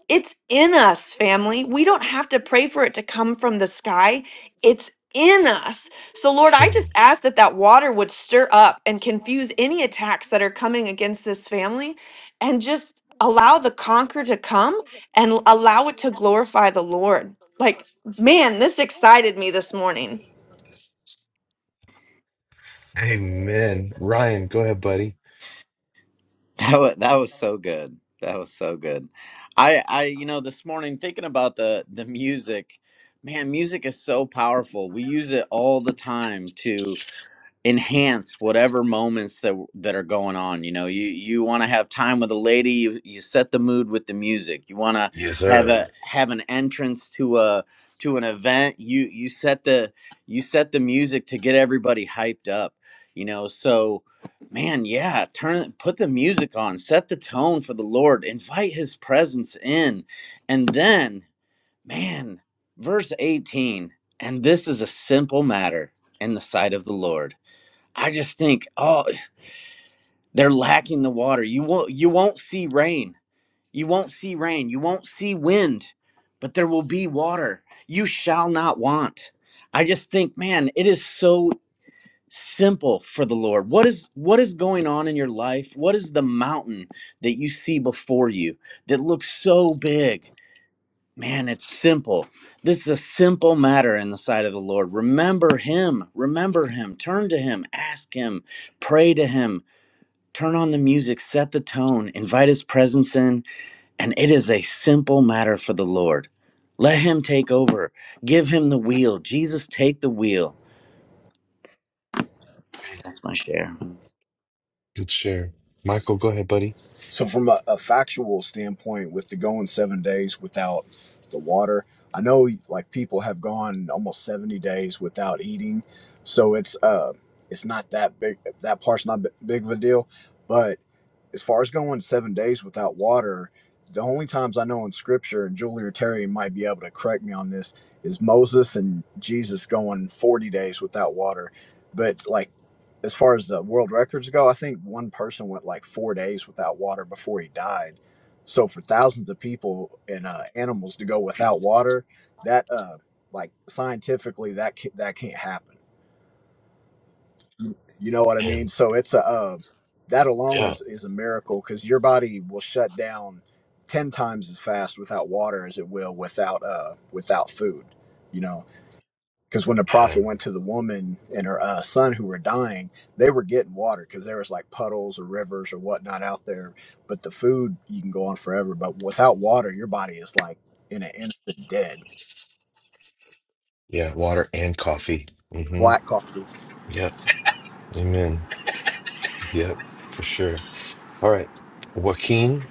It's in us, family. We don't have to pray for it to come from the sky. It's in us. So, Lord, I Hmm. just ask that that water would stir up and confuse any attacks that are coming against this family and just allow the conquer to come and l- allow it to glorify the Lord. Like, man, this excited me this morning. Amen. Ryan, go ahead, buddy. That was, that was so good. That was so good. I I you know this morning thinking about the the music, man, music is so powerful. We use it all the time enhance whatever moments that that are going on you know you you want to have time with a lady you, you set the mood with the music you want to Yes, have sir. a have an entrance to a to an event you you set the you set the music to get everybody hyped up you know so man yeah turn put the music on set the tone for the lord invite his presence in and then man verse 18 and this is a simple matter in the sight of the lord I just think, oh, they're lacking the water. You won't you won't see rain. You won't see rain. You won't see wind, but there will be water. You shall not want. I just think, man, it is so simple for the Lord. What is what is going on in your life? What is the mountain that you see before you that looks so big? Man, it's simple. This is a simple matter in the sight of the Lord. Remember him. Remember him. Turn to him. Ask him. Pray to him Turn on the music, set the tone, invite his presence in, and it is a simple matter for the Lord. Let him take over, give him the wheel. Jesus, take the wheel. That's my share. Good share. Michael, go ahead, buddy. So, from a, a factual standpoint, with the going seven days without the water, I know like people have gone almost seventy days without eating, so it's uh, it's not that big. That part's not b- big of a deal, but as far as going seven days without water, the only times I know in scripture, and Julie or Terry might be able to correct me on this, is Moses and Jesus going 40 days without water. But like, as far as the world records go, I think one person went like four days without water before he died. So for thousands of people and uh, animals to go without water, that uh, like scientifically that ca- that can't happen you know what I mean? And So it's a uh, that alone yeah, is is a miracle because your body will shut down ten times as fast without water as it will without uh without food. You know, because when the yeah, prophet went to the woman and her uh, son who were dying, they were getting water because there was like puddles or rivers or whatnot out there. But the food you can go on forever, but without water, your body is like in an instant dead. yeah. Water and coffee. Mm-hmm. Black coffee. Yep. Amen. Yep, for sure. All right. Joaquin,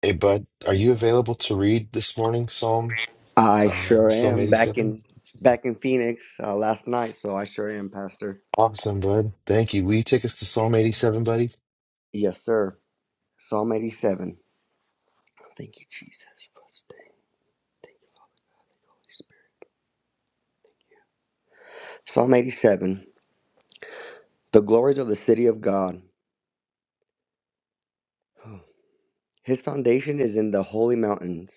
hey bud, are you available to read this morning Psalm I uh, sure Psalm am back 87? in back in Phoenix uh, last night, so I sure am, Pastor. Awesome, bud. Thank you. Will you take us to Psalm 87, buddy? Yes, sir. Psalm 87. Thank you, Jesus. for this day. Thank you, Holy Spirit. Psalm 87. The glories of the city of God. His foundation is in the holy mountains.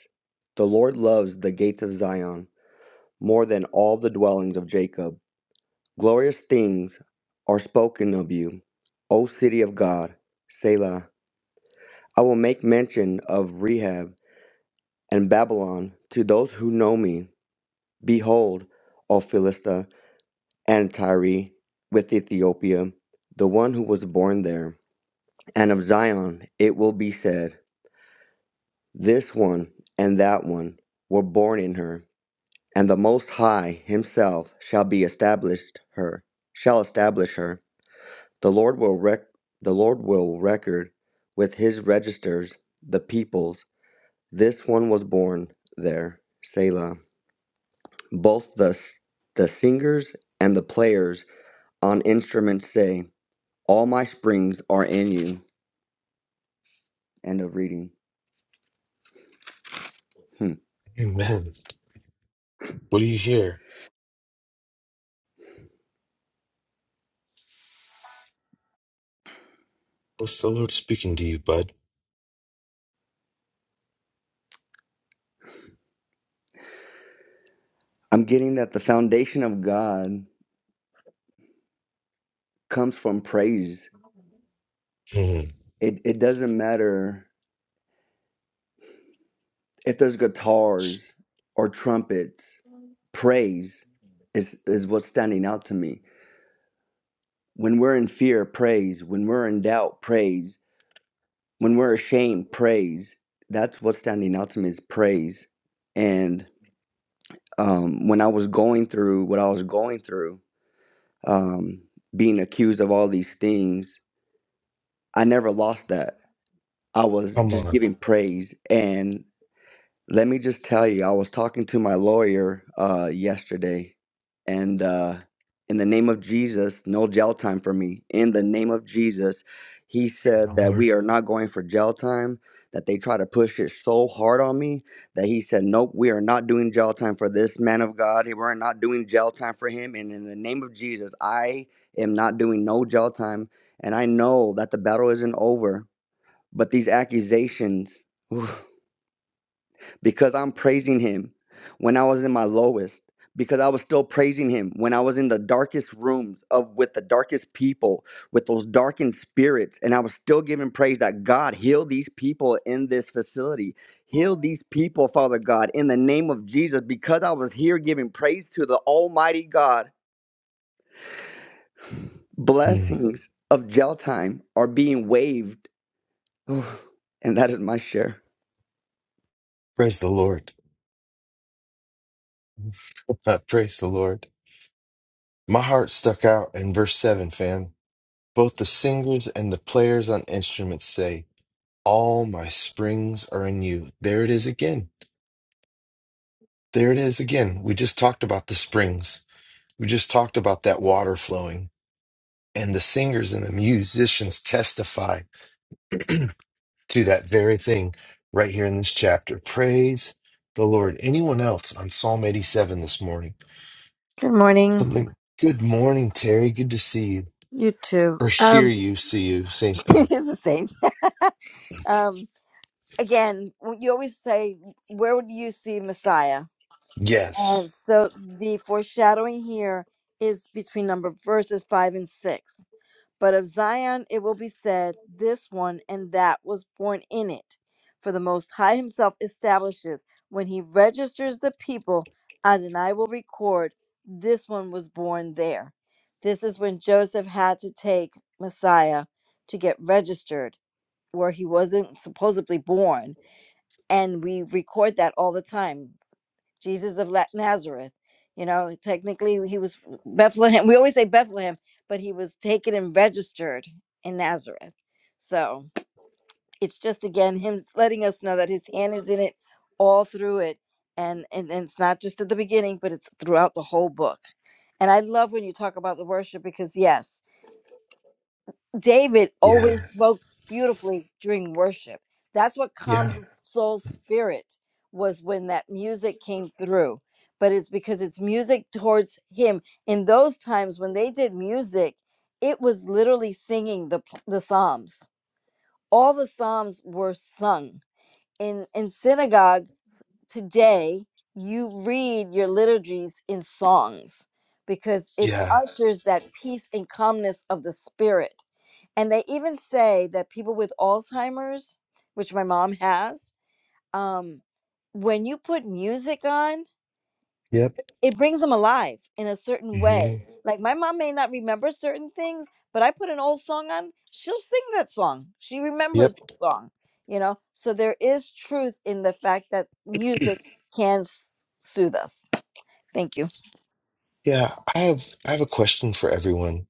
The Lord loves the gates of Zion more than all the dwellings of Jacob. Glorious things are spoken of you, O city of God. Selah. I will make mention of Rehab and Babylon to those who know me. Behold, O Philistia, and Tyre with Ethiopia, the one who was born there. And of Zion it will be said, This one and that one were born in her, and the Most High himself shall be established her, shall establish her. The Lord will rec- the Lord will record with his registers the peoples. This one was born there. Selah. Both the, the singers and the players on instruments say, All my springs are in you. End of reading. Hmm. Amen. What do you hear? What's the Lord speaking to you, bud? I'm getting that the foundation of God comes from praise. Hmm. It, it doesn't matter if there's guitars or trumpets, praise is, is what's standing out to me. When we're in fear, praise. When we're in doubt, praise. When we're ashamed, praise. That's what's standing out to me is praise. And um, when I was going through what I was going through, um, being accused of all these things, I never lost that. I was Come just on. giving praise, and let me just tell you, I was talking to my lawyer uh, yesterday, and uh, in the name of Jesus, no jail time for me. In the name of Jesus, he said that we are not going for jail time. That they try to push it so hard on me that he said, Nope, we are not doing jail time for this man of God. We're not doing jail time for him. And in the name of Jesus, I am not doing no jail time. And I know that the battle isn't over, but these accusations. <sighs> because I'm praising him when I was in my lowest, because I was still praising him when I was in the darkest rooms of with the darkest people, with those darkened spirits, and I was still giving praise that God heal these people in this facility. Heal these people, Father God, in the name of Jesus, because I was here giving praise to the Almighty God. Hmm. Blessings of jail time are being waived. <sighs> And that is my share. Praise the Lord. <laughs> Praise the Lord. My heart stuck out in verse 7, fam. Both the singers and the players on instruments say, All my springs are in you. There it is again. There it is again. We just talked about the springs. We just talked about that water flowing. And the singers and the musicians testify <clears throat> to that very thing right here in this chapter. Praise the Lord. Anyone else on Psalm 87 this morning? Good morning. Something. Good morning, Terry. Good to see you. You too. Or hear Um, you, see you. <laughs> Same thing. it's the same. Um, again, you always say, "Where would you see Messiah?" Yes. And so the foreshadowing here is between number verses five and six. But of Zion it will be said, This one and that was born in it. For the Most High Himself establishes, when He registers the people, Adonai will record, This one was born there. This is when Joseph had to take Messiah to get registered, where he wasn't supposedly born. And we record that all the time. Jesus of Nazareth. You know, technically he was Bethlehem. We always say Bethlehem, but he was taken and registered in Nazareth. So it's just again him letting us know that his hand is in it all through it. And, and, and it's not just at the beginning, but it's throughout the whole book. And I love when you talk about the worship because, yes, David Yeah. always spoke beautifully during worship. That's what calmed Yeah. his soul spirit was when that music came through. But it's because it's music towards him. In those times when they did music, it was literally singing the p- the psalms. All the psalms were sung in in synagogue today. You read your liturgies in songs because it Yeah. ushers that peace and calmness of the spirit and they even say that people with Alzheimer's, which my mom has, um, when you put music on, Yep. it brings them alive in a certain hmm way. Mhm. Like my mom may not remember certain things, but I put an old song on, she'll sing that song. She remembers Yep. the song, you know? So there is truth in the fact that music can s- soothe us. Thank you. Yeah, I have I have a question for everyone.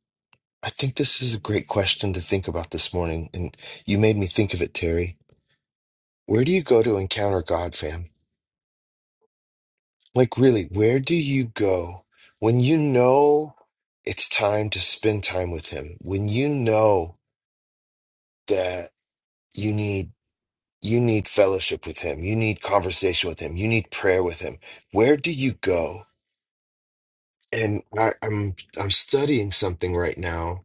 I think this is a great question to think about this morning, and you made me think of it, Terry. Where do you go to encounter God, fam? Like really, where do you go when you know it's time to spend time with him? When you know that you need you need fellowship with him, you need conversation with him, you need prayer with him. Where do you go? And I, I'm I'm studying something right now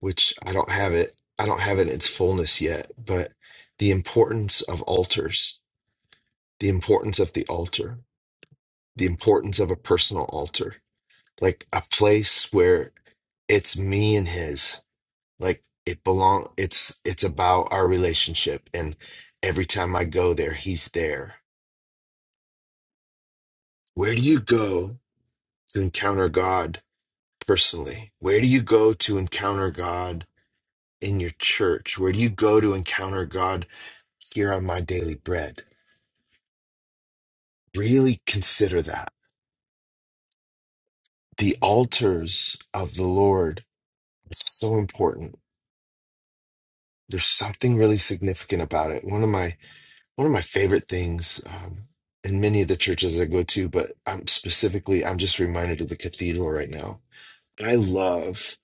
which I don't have it. I don't have it in its fullness yet, but the importance of altars, the importance of the altar, the importance of a personal altar, like a place where it's me and his, like it belong. It's it's about our relationship, and every time I go there, he's there. Where do you go to encounter God personally? Where do you go to encounter God in your church? Where do you go to encounter God here on my daily bread? Really consider that. The altars of the Lord are so important. There's something really significant about it. One of my one of my favorite things um, in many of the churches I go to, but I'm specifically I'm just reminded of the cathedral right now. I love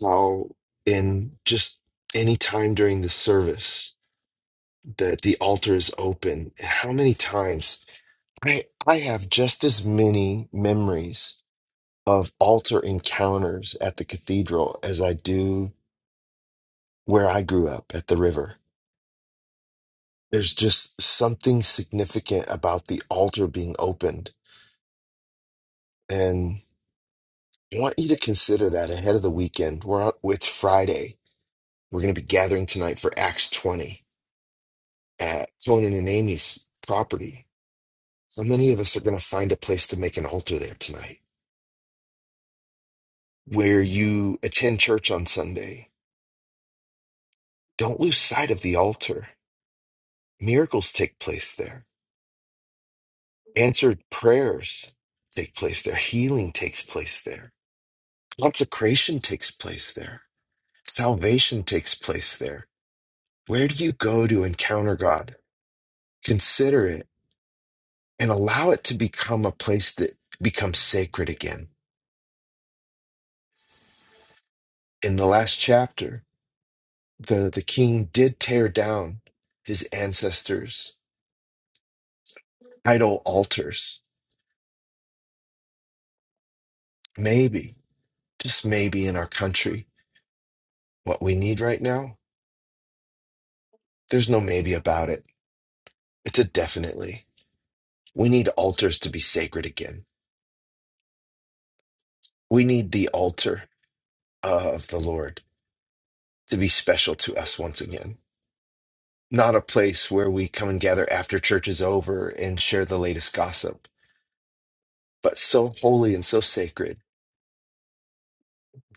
how in just any time during the service that the altar is open, and how many times I I have just as many memories of altar encounters at the cathedral as I do where I grew up at the river. There's just something significant about the altar being opened, and I want you to consider that ahead of the weekend. We're out, it's Friday. We're going to be gathering tonight for Acts 20 at Conan and Amy's property. So many of us are going to find a place to make an altar there tonight, where you attend church on Sunday Don't lose sight of the altar. Miracles take place there. Answered prayers take place there. Healing takes place there. Consecration takes place there. Salvation takes place there. Where do you go to encounter God? Consider it and allow it to become a place that becomes sacred again. In the last chapter, the, the king did tear down his ancestors' idol altars. Maybe, just maybe in our country What we need right now, there's no maybe about it. It's a definitely. We need altars to be sacred again. We need the altar of the Lord to be special to us once again. Not a place where we come and gather after church is over and share the latest gossip, but so holy and so sacred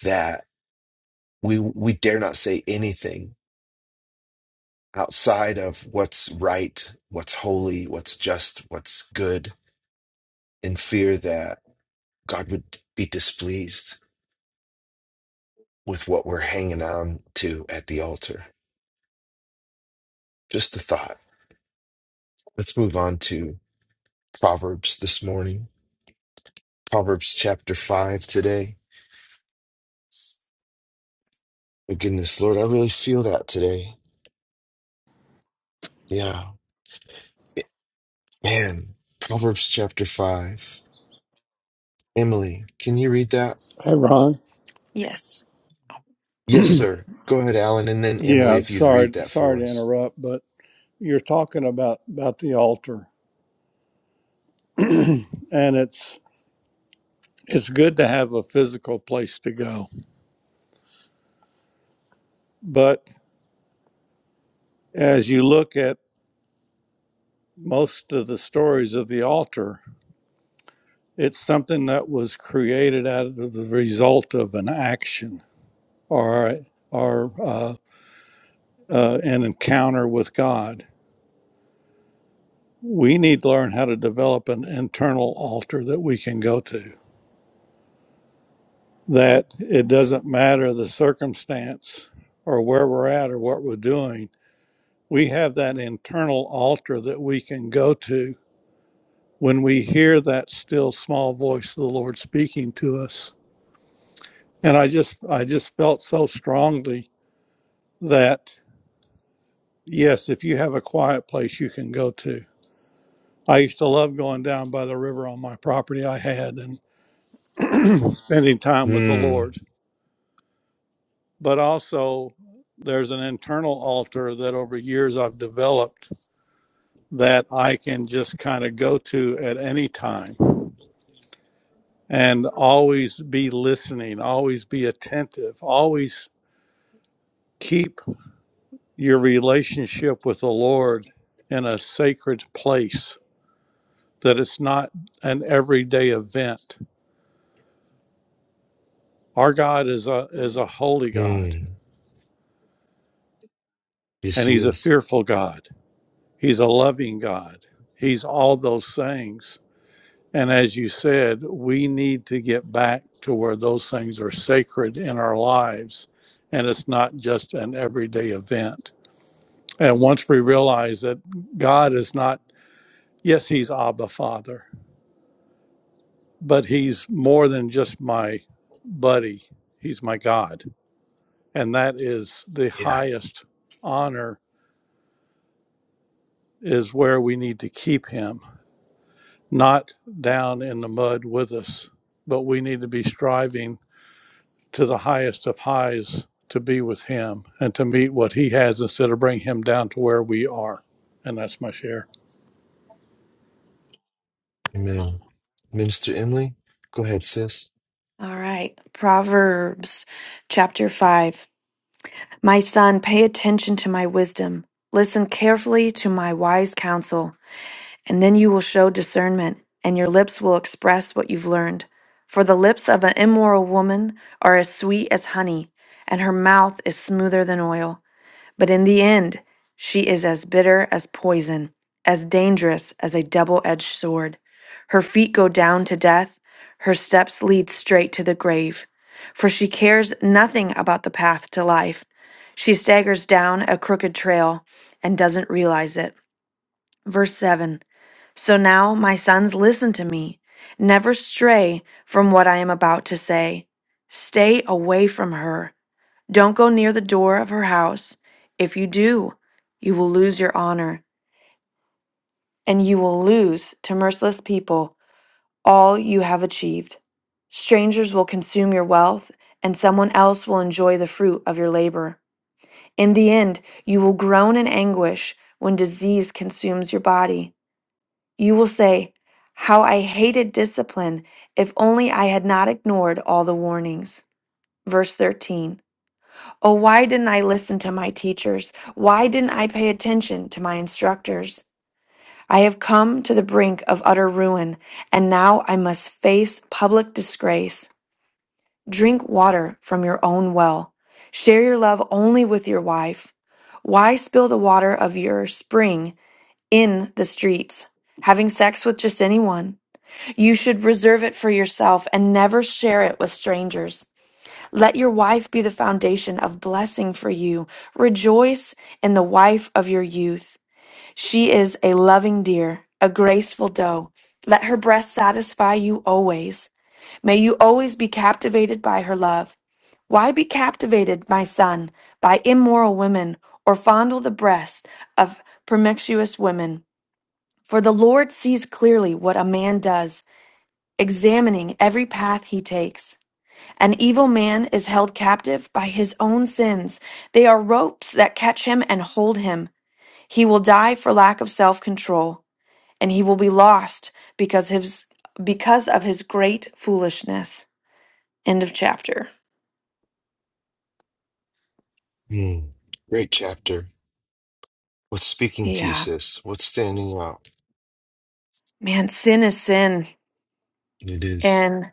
that we we dare not say anything outside of what's right, what's holy, what's just, what's good, in fear that God would be displeased with what we're hanging on to at the altar. Just a thought. Let's move on to Proverbs this morning. Proverbs chapter 5 today. My goodness, Lord, I really feel that today. Yeah. Eh, Man, Proverbs chapter 5. Emily, can you read that? Hey, Ron. Yes. Yes, sir. Go ahead, Alan, and then Emily, Yeah, if you'd read sorry, that for sorry to us. interrupt, but you're talking about about the altar, <clears throat> and it's it's good to have a physical place to go. But as you look at most of the stories of the altar, it's something that was created out of the result of an action or or uh, uh, an encounter with God. We need to learn how to develop an internal altar that we can go to that it doesn't matter the circumstance or where we're at or what we're doing. We have that internal altar that we can go to when we hear that still small voice of the Lord speaking to us. And I just I just felt so strongly that yes, if you have a quiet place you can go to. I used to love going down by the river on my property I had and <clears throat> spending time with the Mm, Lord but also there's an internal altar that over years I've developed that I can just kind of go to at any time and always be listening, always be attentive, always keep your relationship with the Lord in a sacred place that it's not an everyday event. Our God is a is a holy God mm. Yes, and he he's a is. fearful God. He's a loving God. He's all those things And as you said, we need to get back to where those things are sacred in our lives and it's not just an everyday event. And once we realize that God is not, yes, He's Abba Father, but He's more than just my buddy, He's my God. And that is the Yeah. highest honor, is where we need to keep Him, not down in the mud with us, but we need to be striving to the highest of highs to be with him and to meet what he has instead of bring him down to where we are. And that's my share. Amen. Minister Emily, go ahead, sis. All right. Proverbs chapter 5. My son, pay attention to my wisdom. Listen carefully to my wise counsel. and then you will show discernment, and your lips will express what you've learned. For the lips of an immoral woman are as sweet as honey, and her mouth is smoother than oil. But in the end, she is as bitter as poison, as dangerous as a double edged sword. Her feet go down to death, her steps lead straight to the grave. For she cares nothing about the path to life. She staggers down a crooked trail and doesn't realize it. Verse 7. So now, my sons, listen to me. Never stray from what I am about to say. Stay away from her. Don't go near the door of her house. If you do, you will lose your honor, and you will lose to merciless people all you have achieved. Strangers will consume your wealth, and someone else will enjoy the fruit of your labor. In the end, you will groan in anguish when disease consumes your body You will say, How I hated discipline, if only I had not ignored all the warnings. Verse 13 Oh, why didn't I listen to my teachers? Why didn't I pay attention to my instructors? I have come to the brink of utter ruin, and now I must face public disgrace. Drink water from your own well. Share your love only with your wife. Why spill the water of your spring in the streets, having sex with just anyone? You should reserve it for yourself and never share it with strangers. Let your wife be the foundation of blessing for you. Rejoice in the wife of your youth. She is a loving deer, a graceful doe. Let her breast satisfy you always. May you always be captivated by her love. Why be captivated, my son, by immoral women or fondle the breasts of promiscuous women? For the Lord sees clearly what a man does examining every path he takes. An evil man is held captive by his own sins. They are ropes that catch him and hold him. He will die for lack of self control, and he will be lost because his because of his great foolishness. End of chapter. Mm. Great chapter. What's speaking to you, Yeah. sis? What's standing out? Man, sin is sin. It is- And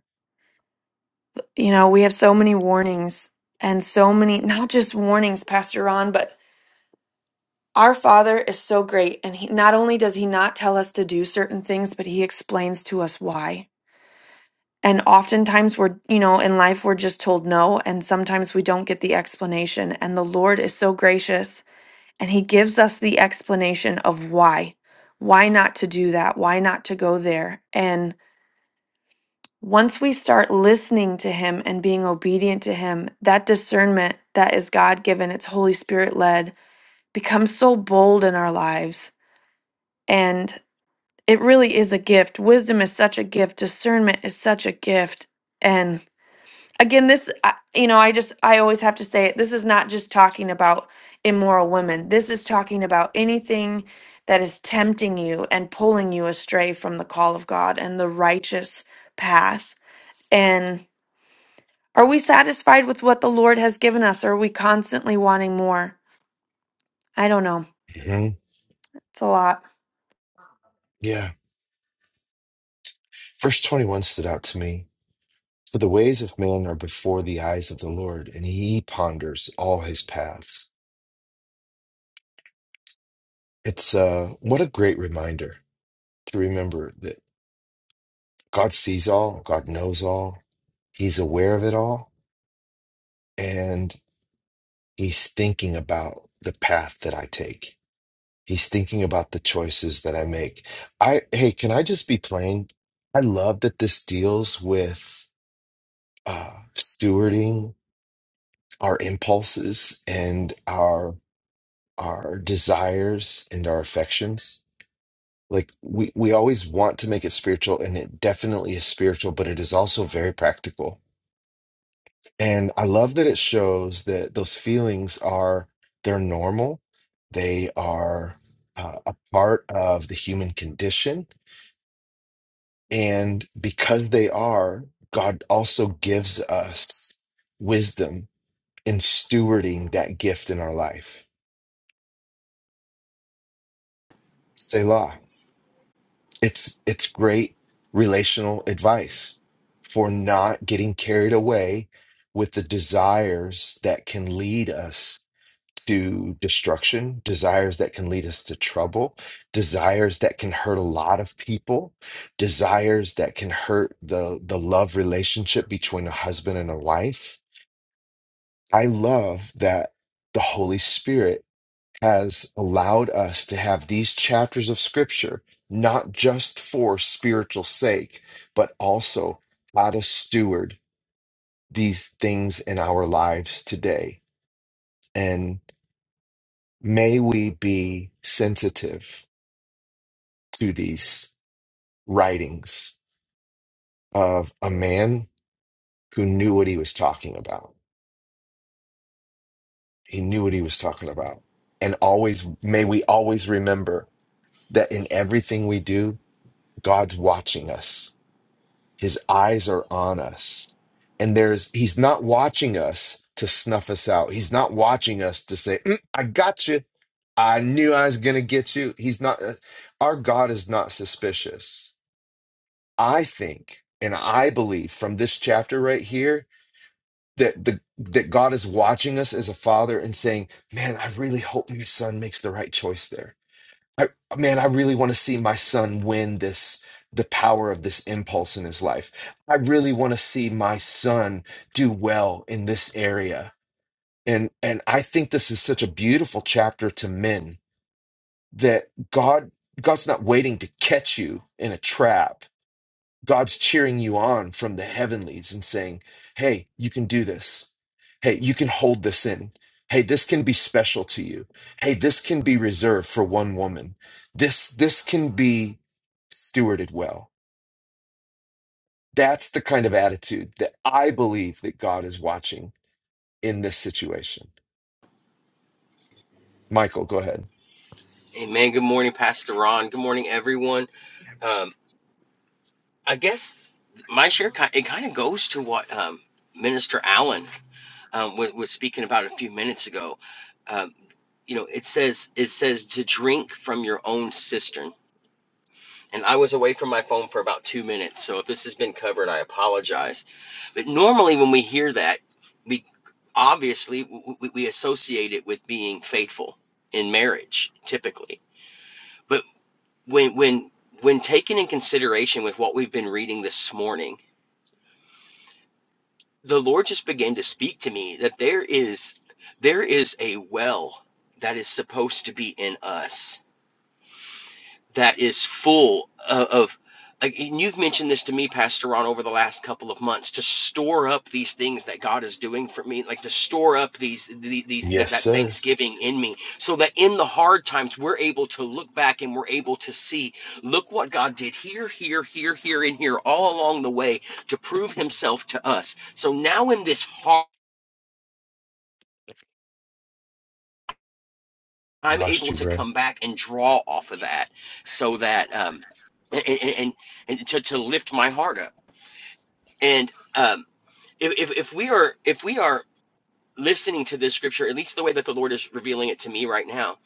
you know, we have so many warnings and so many not just warnings, Pastor Ron, but Our Father is so great, and he, not only does He not tell us to do certain things, but He explains to us why. And oftentimes we're, you know, in life we're just told no, and sometimes we don't get the explanation. And the Lord is so gracious, and He gives us the explanation of why. Why not to do that? Why not to go there? And once we start listening to Him and being obedient to Him, that discernment that is God given, it's Holy Spirit led, becomes so bold in our lives. And it really is a gift. Wisdom is such a gift. Discernment is such a gift. And again, this, I- you know, I just, I always have to say it. This is not just talking about immoral women. This is talking about anything that is tempting you and pulling you astray from the call of God and the righteous path. And are we satisfied with what the Lord has given us? Or are we constantly wanting more? I don't know. Mhm. It's a lot. Yeah. Verse 21 stood out to me. For the ways of man are before the eyes of the Lord, and he ponders all his paths. It's uh, what a great reminder to remember that God sees all, God knows all, he's aware of it all, and he's thinking about the path that I take. He's thinking about the choices that I make. I hey, can I just be plain? I love that this deals with uh, stewarding our impulses and our our desires and our affections. Like we we always want to make it spiritual, and it definitely is spiritual, but it is also very practical. And I love that it shows that those feelings are they're normal. They are uh, a part of the human condition And because they are, God also gives us wisdom in stewarding that gift in our life. Selah. It's it's great relational advice for not getting carried away with the desires that can lead us to destruction, desires that can lead us to trouble, desires that can hurt a lot of people, desires that can hurt the the love relationship between a husband and a wife. I love that the Holy Spirit has allowed us to have these chapters of scripture, not just for spiritual sake, but also how to steward these things in our lives today. And may we be sensitive to these writings of a man who knew what he was talking about. He knew what he was talking about. And always, may we always remember that in everything we do, God's watching us His eyes are on us. And there's he's not watching us to snuff us out. He's not watching us to say, "Mm, "I got you. I knew I was going to get you." He's not uh, our God is not suspicious. I think and I believe from this chapter right here that the that God is watching us as a father and saying, "Man, I really hope my son makes the right choice there." I man, I really want to see my son win this the power of this impulse in his life. I really want to see my son do well in this area. And and I think this is such a beautiful chapter to men that God God's not waiting to catch you in a trap. God's cheering you on from the heavenlies and saying, Hey, you can do this. Hey, you can hold this in. Hey, this can be special to you. Hey, this can be reserved for one woman. This, this can be stewarded well. That's the kind of attitude that I believe that God is watching in this situation. Michael, go ahead. Amen. Good morning, Pastor Ron. Good morning, everyone. Um, I guess my share ki- it kind of goes to what um, Minister Allen um, was, was speaking about a few minutes ago. Um, you know, it says it says to drink from your own cistern And I was away from my phone for about two minutes. So if this has been covered, I apologize. But normally, when we hear that, we obviously w- we associate it with being faithful in marriage, typically. But when when when taken in consideration with what we've been reading this morning, the Lord just began to speak to me that there is there is a well that is supposed to be in us that is full of, of like, and you've mentioned this to me, Pastor Ron, over the last couple of months to store up these things that God is doing for me, like to store up these these, these that, Yes, that sir. Thanksgiving in me, so that in the hard times we're able to look back and we're able to see, look what God did here, here, here, here, and here, all along the way to prove Himself to us. So now in this hard, We I'm lost able you, to bro. come back and draw off of that, so that um, and, and and to, to lift my heart up And um, if, if if we are if we are listening to this scripture, at least the way that the Lord is revealing it to me right now,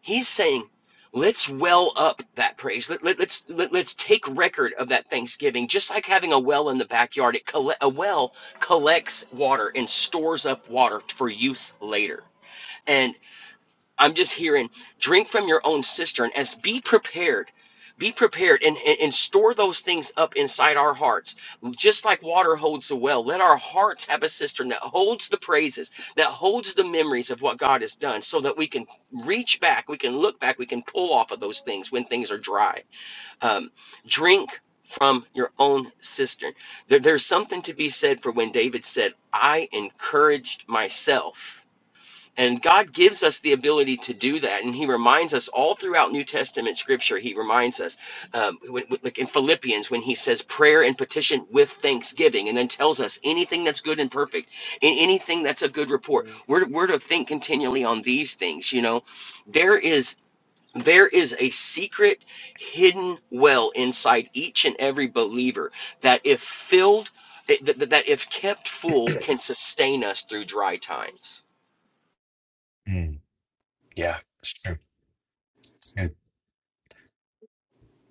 He's saying, "Let's well up that praise. Let, let, let's let, let's take record of that thanksgiving. Just like having a well in the backyard, it colle- a well collects water and stores up water for use later. And I'm just hearing drink from your own cistern as be prepared. Be prepared and, and, and store those things up inside our hearts. Just like water holds the well, let our hearts have a cistern that holds the praises, that holds the memories of what God has done, so that we can reach back, we can look back, we can pull off of those things when things are dry. Um, drink from your own cistern. There, there's something to be said for when David said, I encouraged myself and God gives us the ability to do that. And He reminds us all throughout New Testament scripture, He reminds us, um, when- like in Philippians, when He says prayer and petition with thanksgiving, and then tells us anything that's good and perfect, in anything that's of good report. We're, to- we're to think continually on these things. You know, there is. There is a secret hidden well inside each and every believer that, if filled, that, that that if kept full, can sustain us through dry times Mm, yeah, that's true. That's good.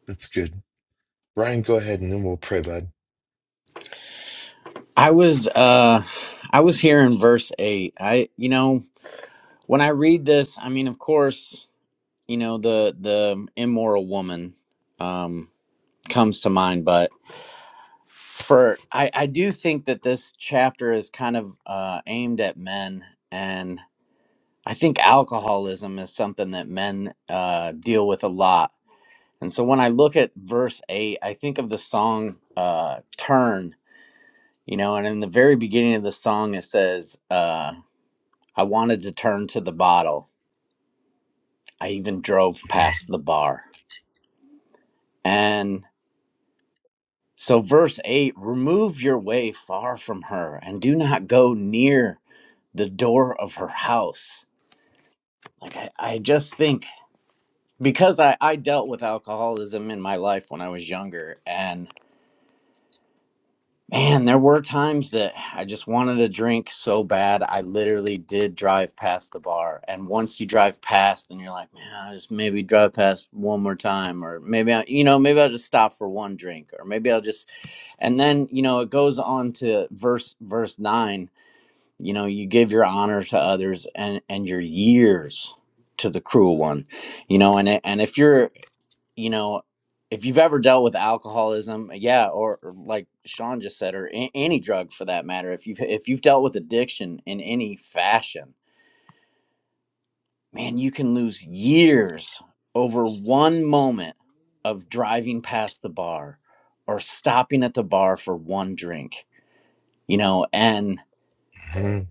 That's good. Ryan, go ahead and then we'll pray, bud. I was uh I was here in verse 8. I you know, when I read this, I mean of course, you know, the the immoral woman um comes to mind, but for I I do think that this chapter is kind of uh aimed at men and. I think alcoholism is something that men uh, deal with a lot. And so when I look at verse 8, I think of the song uh, Turn, you know, and in the very beginning of the song, it says, uh, I wanted to turn to the bottle. I even drove past the bar. And so, verse 8 remove your way far from her and do not go near the door of her house. Like, I, I just think because I, I dealt with alcoholism in my life when I was younger. And man, there were times that I just wanted to drink so bad. I literally did drive past the bar. And once you drive past and you're like, man, I just maybe drive past one more time, or maybe I, you know, maybe I'll just stop for one drink, or maybe I'll just, and then, you know, it goes on to verse, verse nine, you know, you give your honor to others and, and your years to the cruel one you know and it- and if you're you know, if you've ever dealt with alcoholism, yeah, or, or like Sean just said, or a- any drug for that matter, if you've if you've dealt with addiction in any fashion, man, you can lose years over one moment of driving past the bar or stopping at the bar for one drink, you know, and Mhm.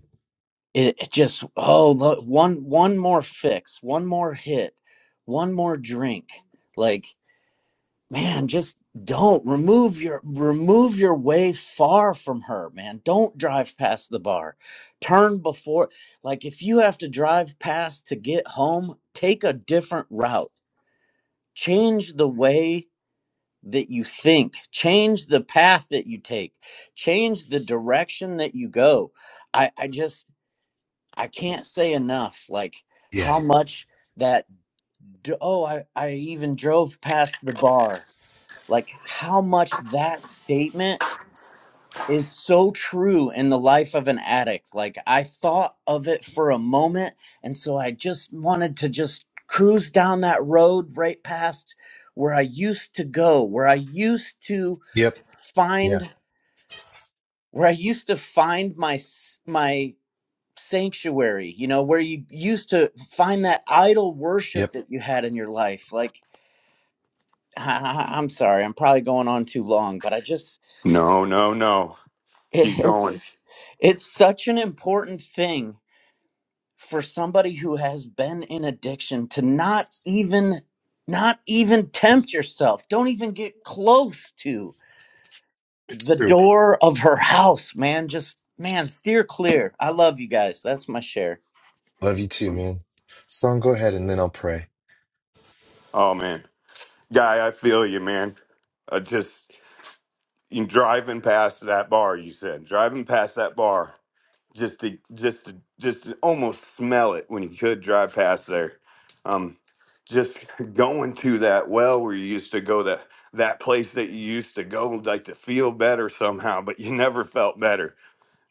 it, it just oh look, one one more fix, one more hit, one more drink, like. man just don't remove your remove your way far from her man don't drive past the bar turn before like if you have to drive past to get home take a different route change the way that you think change the path that you take change the direction that you go i i just i can't say enough like how Yeah. much that d- oh i i even drove past the bar like how much that statement is so true in the life of an addict like i thought of it for a moment and so i just wanted to just cruise down that road right past where i used to go where i used to Yep. Yeah. find where i used to find my s- my sanctuary you know where you used to find that idol worship Yep, that you had in your life like I, I- i'm sorry i'm probably going on too long but i just No, no, no. Keep going. it's it's such an important thing for somebody who has been in addiction to not even not even tempt yourself don't even get close to it's the true. door of her house man just man steer clear i love you guys that's my share Love you too, man. Son, go ahead and then I'll pray. Oh man, guy, I feel you, man. Uh, just you driving past that bar. You said driving past that bar, just to just to, just to almost smell it when you could drive past there. Um, just going to that well where you used to go that that place that you used to go like to feel better somehow, but you never felt better.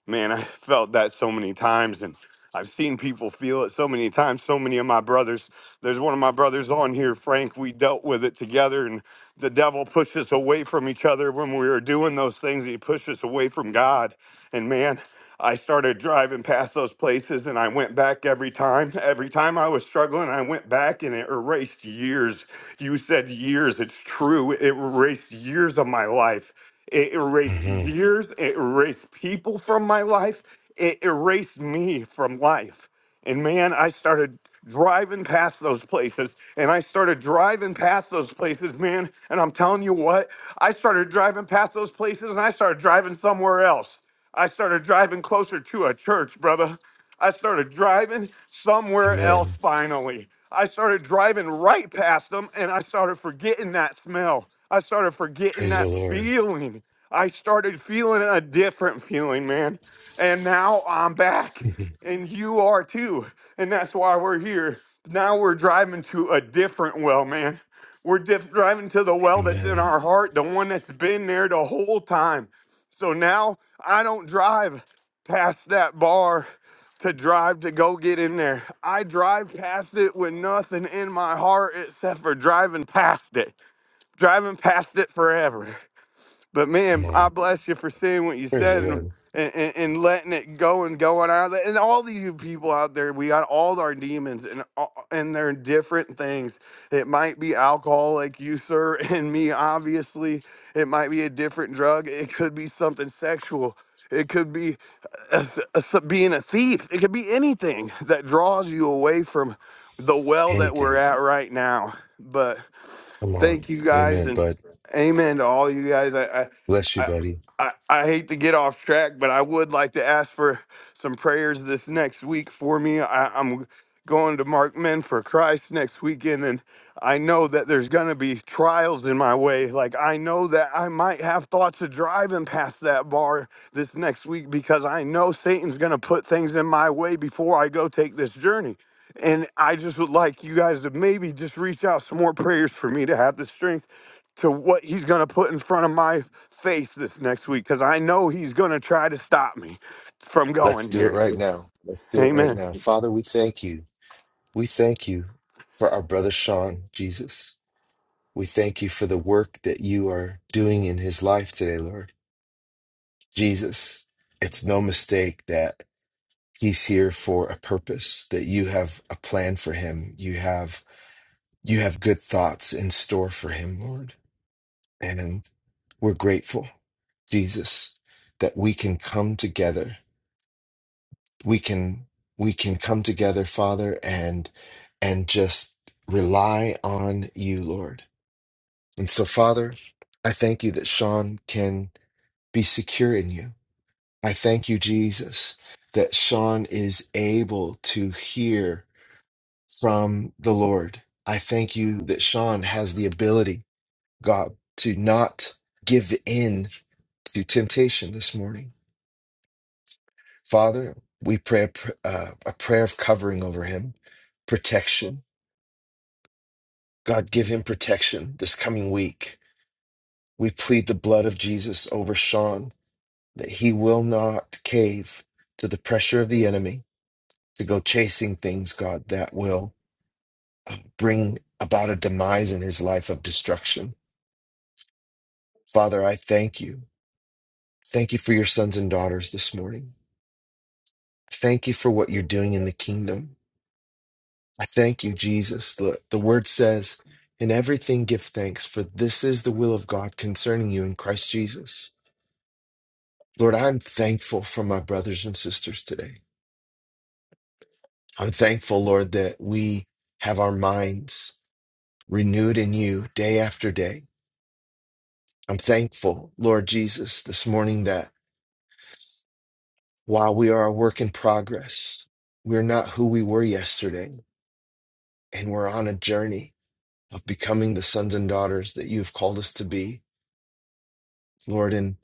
man, <laughs> I felt that so many times and I've seen people feel it so many times. So many of my brothers, there's one of my brothers on here, Frank. We dealt with it together, and the devil pushed us away from each other when we were doing those things. He pushed us away from God. And man, I started driving past those places and I went back every time. Every time I was struggling, I went back and it erased years. You said years. It's true. It erased years of my life. It erased hmm years. It erased people from my life. It erased me from life. And man, I started driving past those places and I started driving past those places, man. And I'm telling you what, I started driving past those places and I started driving somewhere else. I started driving closer to a church, brother. I started driving somewhere else Amen. finally. I started driving right past them and I started forgetting that smell. I started forgetting Praise the that Lord. feeling. I started feeling a different feeling, man. And now I'm back <laughs> and you are too. And that's why we're here. Now we're driving to a different well, man. We're diff- driving to the well that's in Amen. our heart, the one that's been there the whole time. So now I don't drive past that bar to drive to go get in there. I drive past it with nothing in my heart except for driving past it, driving past it forever. But Come man, I on. bless you for saying what you Praise the said and Lord. and, and and letting it go and going out. there. And all of you people out there, we got all our demons and all- and they're different things. It might be alcohol, like you, sir, <laughs> and me. Obviously, it might be a different drug. It could be something sexual. It could be uh, a th- a th- being a thief. It could be anything that draws you away from the well that we're Anything. at right now Come on. thank you guys Amen. and Bud, amen to all you guys. I, I bless you, I buddy. I I hate to get off track, but I would like to ask for some prayers this next week for me. I, I'm going to Mark Men for Christ next weekend, and I know that there's going to be trials in my way. Like I know that I might have thoughts of driving past that bar this next week because I know Satan's going to put things in my way before I go take this journey. And I just would like you guys to maybe just reach out some more prayers for me to have the strength to what he's going to put in front of my face this next week because I know he's going to try to stop me from Let's going do it here. right now. Let's do it right Amen. now. Father, we thank you. We thank you for our brother Sean, Jesus. We thank you for the work that you are doing in his life today, Lord. Jesus, it's no mistake that He's here for a purpose that you have a plan for him. You have you have good thoughts in store for him, Lord. And we're grateful, Jesus, that we can come together. We can we can come together, Father, and and just rely on you, Lord. And so, Father, I thank you that Sean can be secure in you. I thank you, Jesus, that Sean is able to hear from the Lord. I thank you that Sean has the ability, God, to not give in to temptation this morning. Father, we pray a, pr- uh, a prayer of covering over him, protection. God, give him protection this coming week. We plead the blood of Jesus over Sean that he will not cave to the pressure of the enemy to go chasing things, God, that will bring about a demise in his life of destruction. Father, I thank you. Thank you for your sons and daughters this morning. Thank you for what you're doing in the kingdom. I thank you, Jesus. The, the word says, In everything give thanks, for this is the will of God concerning you in Christ Jesus. Lord, I'm thankful for my brothers and sisters today. I'm thankful, Lord, that we have our minds renewed in you day after day. I'm thankful, Lord Jesus, this morning that while we are a work in progress, we're not who we were yesterday and we're on a journey of becoming the sons and daughters that you've called us to be, Lord. And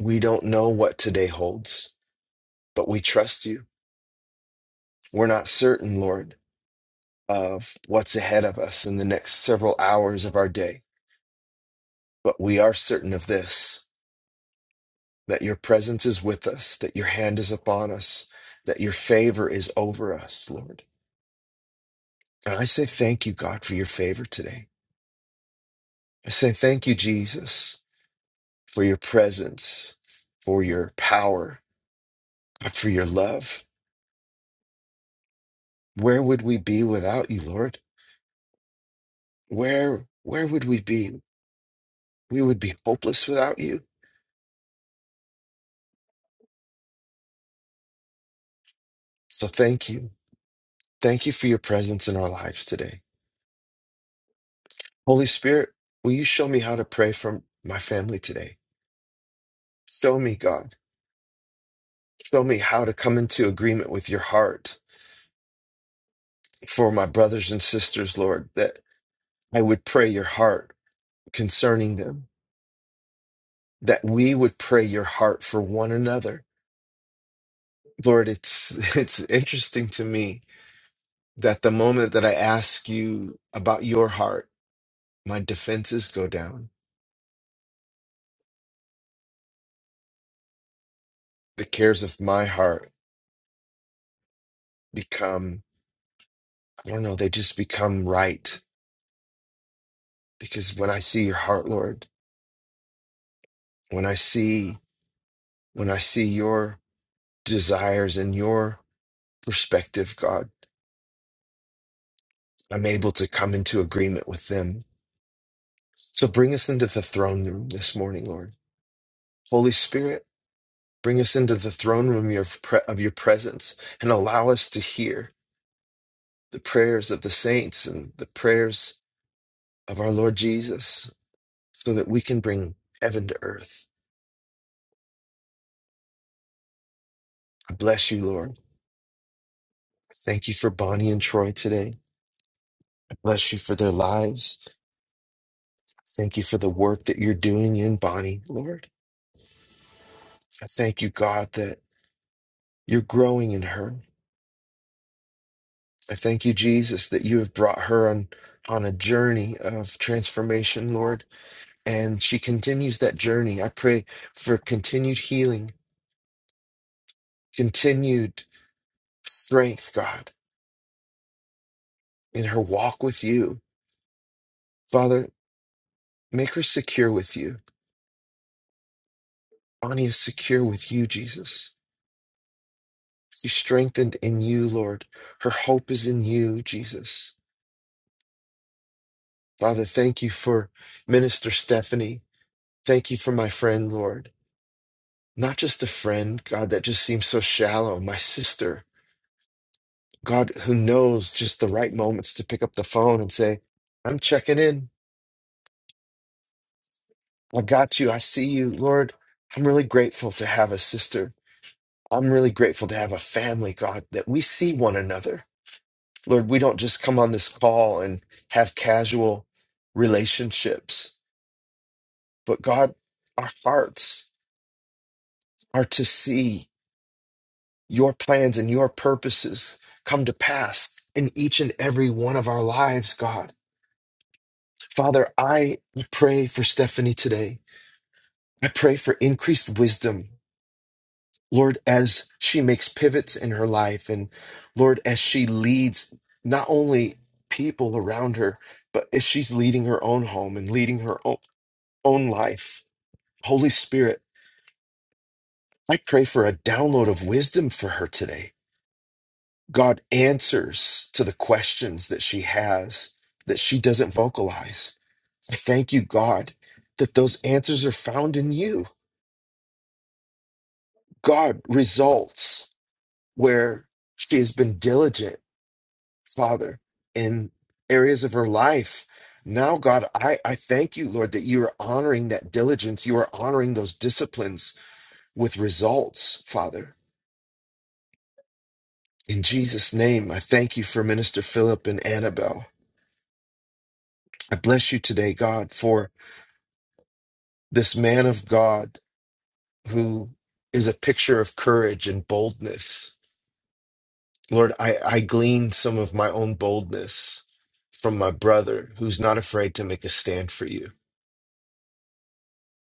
we don't know what today holds, but we trust you. We're not certain, Lord, of what's ahead of us in the next several hours of our day, but we are certain of this that your presence is with us, that your hand is upon us, that your favor is over us, Lord. And I say thank you, God, for your favor today. I say thank you, Jesus, for your presence, for your power, But for your love, where would we be without you, Lord? Where where would we be? We would be hopeless without you. So thank you. Thank you for your presence in our lives today. Holy Spirit, will you show me how to pray for my family today? Show me, God. Show me how to come into agreement with your heart for my brothers and sisters, Lord, that I would pray your heart concerning them, that we would pray your heart for one another. Lord, it's <laughs> it's interesting to me that the moment that I ask you about your heart, my defenses go down. The cares of my heart become, I don't know, they just become right. Because when I see your heart, Lord, when I see, when I see your desires and your perspective, God, I'm able to come into agreement with them. So bring us into the throne room this morning, Lord. Holy Spirit, bring us into the throne room of your, pre- of your presence and allow us to hear. the prayers of the saints and the prayers of our Lord Jesus so that we can bring heaven to earth. I bless you, Lord. Thank you for Bonnie and Troy today. I bless you for their lives. Thank you for the work that you're doing in Bonnie, Lord. I thank you, God, that you're growing in her. I thank you, Jesus, that you have brought her on, on a journey of transformation, Lord, and she continues that journey. I pray for continued healing, continued strength, God. in her walk with you. Father, make her secure with you. Bonnie is secure with you, Jesus. She's strengthened in you, Lord. Her hope is in you, Jesus. Father, thank you for Minister Stephanie. Thank you for my friend, Lord. Not just a friend, God, that just seems so shallow. My sister, God, who knows just the right moments to pick up the phone and say, I'm checking in. I got you. I see you, Lord. I'm really grateful to have a sister I'm really grateful to have a family, God, that we see one another. Lord, we don't just come on this call and have casual relationships, but God, our hearts are to see your plans and your purposes come to pass in each and every one of our lives, God. Father, I pray for Stephanie today. I pray for increased wisdom Lord, as she makes pivots in her life, and Lord, as she leads not only people around her, but as she's leading her own home and leading her own, own life, Holy Spirit, I pray for a download of wisdom for her today. God answers to the questions that she has that she doesn't vocalize. I thank you, God, that those answers are found in you. God results where she has been diligent Father, in areas of her life. Now, God, I, I thank you, Lord, that you are honoring that diligence. You are honoring those disciplines with results, Father. In Jesus' name, I thank you for Minister Philip and Annabelle. I bless you today, God, for this man of God who is a picture of courage and boldness. Lord, I, I glean some of my own boldness from my brother who's not afraid to make a stand for you.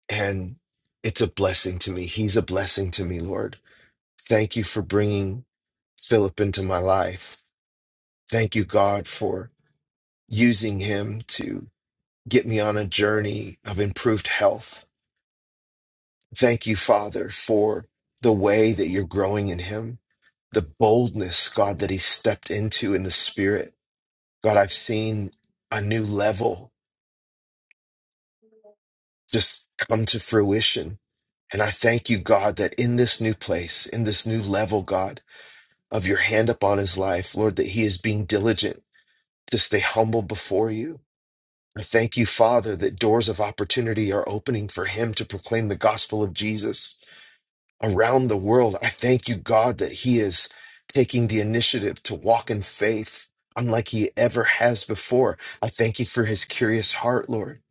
And it's a blessing to me. He's a blessing to me, Lord. Thank you for bringing Philip into my life. Thank you, God, for using him to get me on a journey of improved health. Thank you, Father, for the way that you're growing in him, the boldness, God, that he stepped into in the spirit. God, I've seen a new level just come to fruition. And I thank you, God, that in this new place, in this new level, God, of your hand upon his life, Lord, that he is being diligent to stay humble before you. I thank you, Father, that doors of opportunity are opening for him to proclaim the gospel of Jesus around the world. I thank you, God, that he is taking the initiative to walk in faith unlike he ever has before. I thank you for his curious heart, Lord.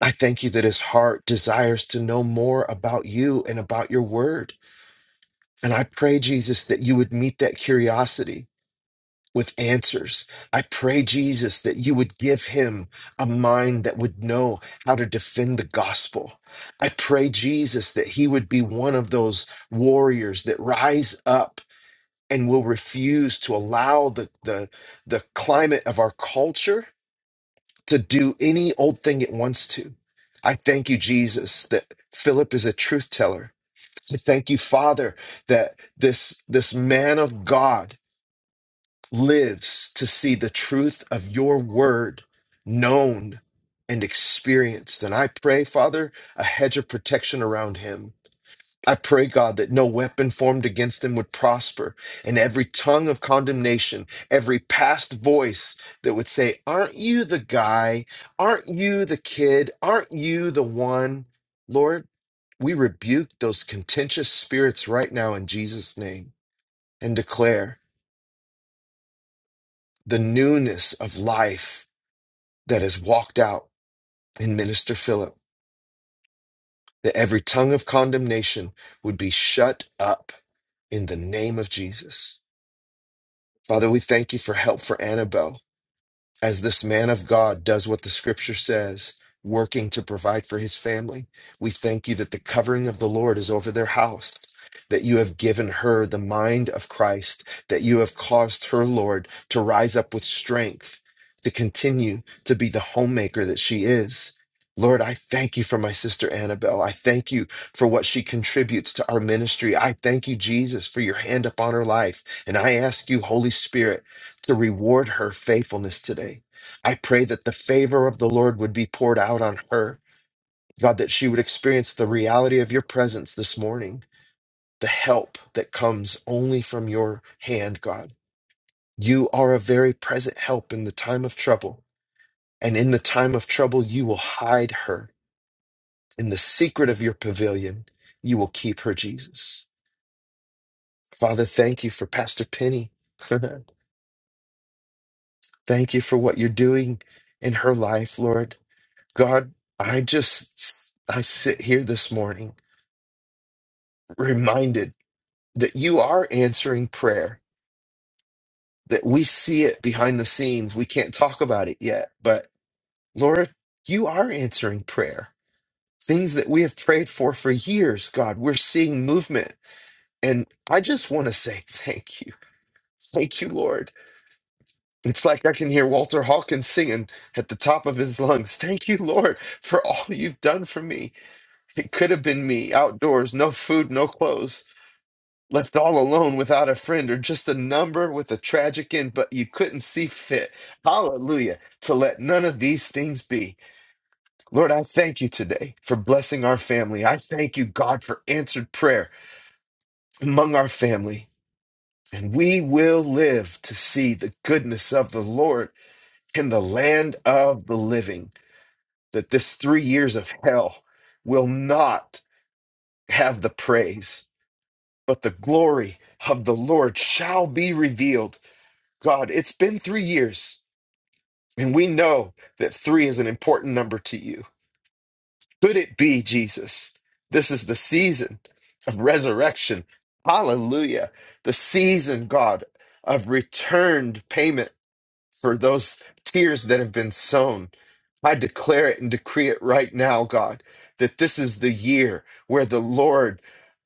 I thank you that his heart desires to know more about you and about your word. And I pray, Jesus, that you would meet that curiosity with answers. I pray, Jesus, that you would give him a mind that would know how to defend the gospel. I pray, Jesus, that he would be one of those warriors that rise up and will refuse to allow the, the, the climate of our culture to do any old thing it wants to. I thank you, Jesus, that Philip is a truth teller. I thank you, Father, that this, this man of God lives to see the truth of your word known and experienced. And I pray, Father, a hedge of protection around him. I pray, God, that no weapon formed against him would prosper, and every tongue of condemnation, every past voice that would say, Aren't you the guy? Aren't you the kid? Aren't you the one? Lord, we rebuke those contentious spirits right now in Jesus' name and declare the newness of life that has walked out in Minister Philip, that every tongue of condemnation would be shut up in the name of Jesus. Father, we thank you for help for Annabelle. as this man of God does what the scripture says, working to provide for his family. We thank you that the covering of the Lord is over their house, that you have given her the mind of Christ, that you have caused her, Lord, to rise up with strength, to continue to be the homemaker that she is. Lord, I thank you for my sister Annabelle. I thank you for what she contributes to our ministry. I thank you, Jesus, for your hand upon her life. And I ask you, Holy Spirit, to reward her faithfulness today. I pray that the favor of the Lord would be poured out on her. God, that she would experience the reality of your presence this morning, the help that comes only from your hand, God. You are a very present help in the time of trouble. And in the time of trouble, you will hide her. In the secret of your pavilion, you will keep her, Jesus. Father, thank you for Pastor Penny. <laughs> thank you for what you're doing in her life, Lord. God, I just I sit here this morning reminded that you are answering prayer, that we see it behind the scenes. We can't talk about it yet, but Lord, you are answering prayer. Things that we have prayed for for years, God, we're seeing movement. And I just want to say thank you. Thank you, Lord. It's like I can hear Walter Hawkins singing at the top of his lungs. Thank you, Lord, for all you've done for me. It could have been me outdoors, no food, no clothes left all alone without a friend or just a number with a tragic end, but you couldn't see fit. Hallelujah. To let none of these things be. Lord, I thank you today for blessing our family. I thank you, God, for answered prayer among our family. And we will live to see the goodness of the Lord in the land of the living, that this three years of hell will not have the praise, but the glory of the Lord shall be revealed God, it's been three years, and we know that three is an important number to you. Could it be, Jesus? This is the season of resurrection. Hallelujah. The season, God, of returned payment for those tears that have been sown. I declare it and decree it right now, God, that this is the year where the Lord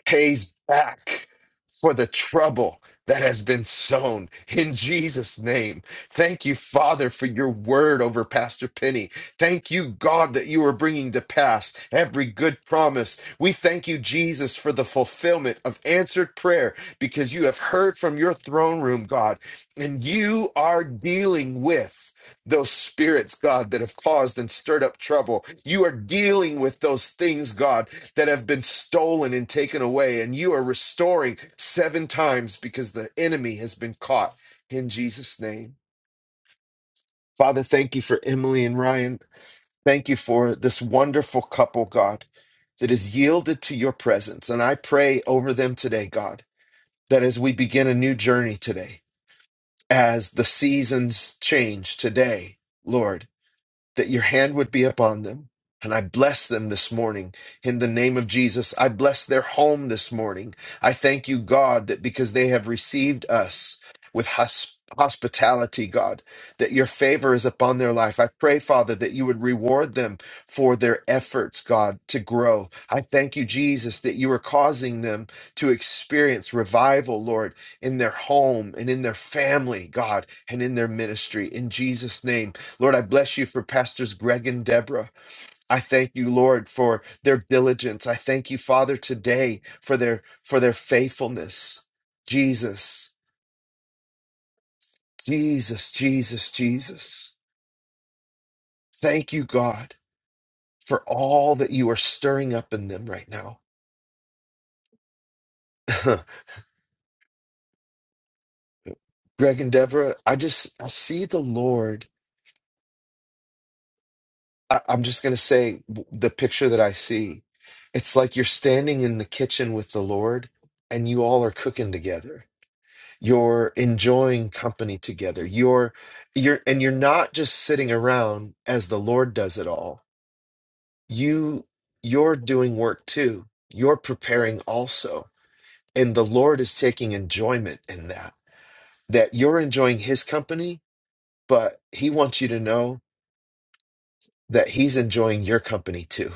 pays back for the trouble that has been sown in Jesus' name. Thank you, Father, for your word over Pastor Penny. Thank you, God, that you are bringing to pass every good promise. We thank you, Jesus, for the fulfillment of answered prayer because you have heard from your throne room, God and you are dealing with those spirits, God, that have caused and stirred up trouble. You are dealing with those things, God, that have been stolen and taken away. And you are restoring seven times because the enemy has been caught in Jesus' name. Father, thank you for Emily and Ryan. Thank you for this wonderful couple, God, that is yielded to your presence. And I pray over them today, God, that as we begin a new journey today, as the seasons change today, Lord that your hand would be upon them. And I bless them this morning in the name of Jesus. I bless their home this morning. I thank you, God, that because they have received us with hus- hospitality, God, that your favor is upon their life. I pray, Father, that you would reward them for their efforts, God, to grow. I thank you, Jesus, that you are causing them to experience revival, Lord, in their home and in their family, God, and in their ministry. In Jesus' name. Lord, I bless you for Pastors Greg and Deborah. I thank you, Lord, for their diligence. I thank you, Father, today for their for their faithfulness. Jesus, Jesus, Jesus, Jesus. Thank you, God, for all that you are stirring up in them right now. <laughs> Greg and Deborah, I just I see the Lord. I, I'm just gonna say w- the picture that I see. It's like you're standing in the kitchen with the Lord and you all are cooking together you're enjoying company together you're you're and you're not just sitting around as the lord does it all you you're doing work too you're preparing also and the lord is taking enjoyment in that that you're enjoying his company but he wants you to know that he's enjoying your company too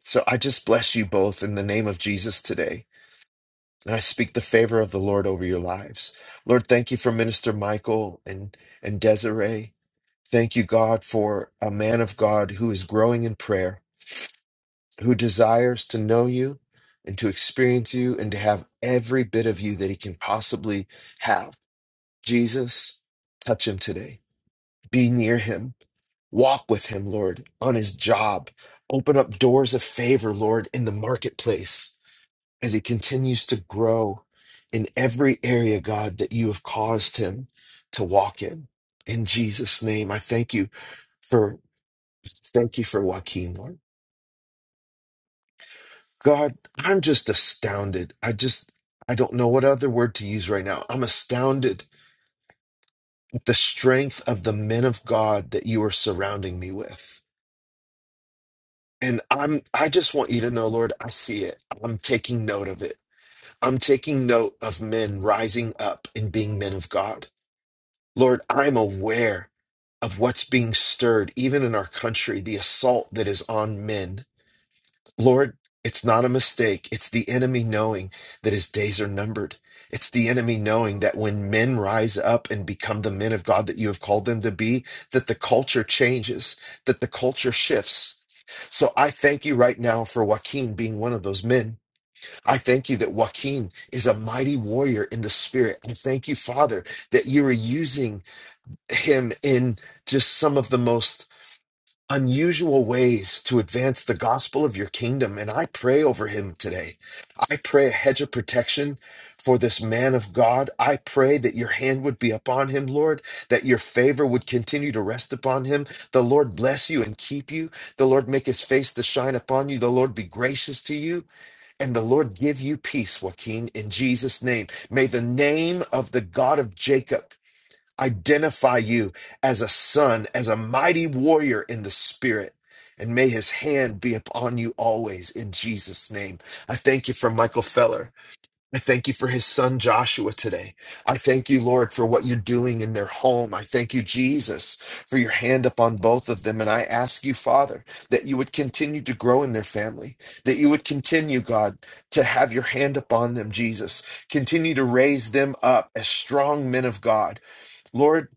so i just bless you both in the name of jesus today And I speak the favor of the Lord over your lives. Lord, thank you for Minister Michael and, and Desiree. Thank you, God, for a man of God who is growing in prayer, who desires to know you and to experience you and to have every bit of you that he can possibly have. Jesus, touch him today. Be near him. Walk with him, Lord, on his job. Open up doors of favor, Lord, in the marketplace as he continues to grow in every area, God, that you have caused him to walk in. In Jesus' name, I thank you for thank you for Joaquin, Lord. God, I'm just astounded. I just I don't know what other word to use right now. I'm astounded at the strength of the men of God that you are surrounding me with. And I'm I just want you to know, Lord, I see it. I'm taking note of it. I'm taking note of men rising up and being men of God. Lord, I'm aware of what's being stirred, even in our country, the assault that is on men. Lord, it's not a mistake. It's the enemy knowing that his days are numbered. It's the enemy knowing that when men rise up and become the men of God that you have called them to be, that the culture changes, that the culture shifts. So I thank you right now for Joaquin being one of those men. I thank you that Joaquin is a mighty warrior in the spirit. I thank you, Father, that you are using him in just some of the most unusual ways to advance the gospel of your kingdom. And I pray over him today. I pray a hedge of protection for this man of God. I pray that your hand would be upon him, Lord, that your favor would continue to rest upon him. The Lord bless you and keep you. The Lord make his face to shine upon you. The Lord be gracious to you. And the Lord give you peace, Joaquin, in Jesus' name. May the name of the God of Jacob identify you as a son, as a mighty warrior in the spirit. And may his hand be upon you always in Jesus' name. I thank you for Michael Feller. I thank you for his son Joshua today. I thank you, Lord, for what you're doing in their home. I thank you, Jesus, for your hand upon both of them. And I ask you, Father, that you would continue to grow in their family, that you would continue, God, to have your hand upon them, Jesus. Continue to raise them up as strong men of God. Lord,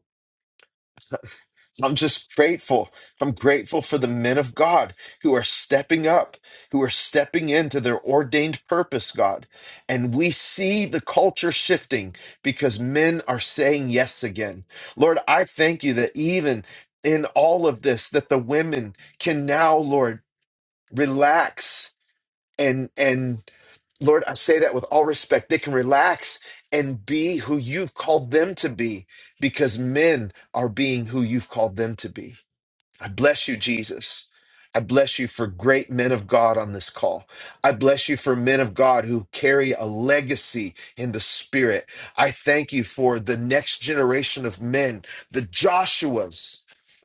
I'm just grateful. I'm grateful for the men of God who are stepping up, who are stepping into their ordained purpose, God. And we see the culture shifting because men are saying yes again. Lord, I thank you that even in all of this that the women can now, Lord, relax and and Lord, I say that with all respect. They can relax and be who you've called them to be because men are being who you've called them to be. I bless you, Jesus. I bless you for great men of God on this call. I bless you for men of God who carry a legacy in the spirit. I thank you for the next generation of men, the Joshuas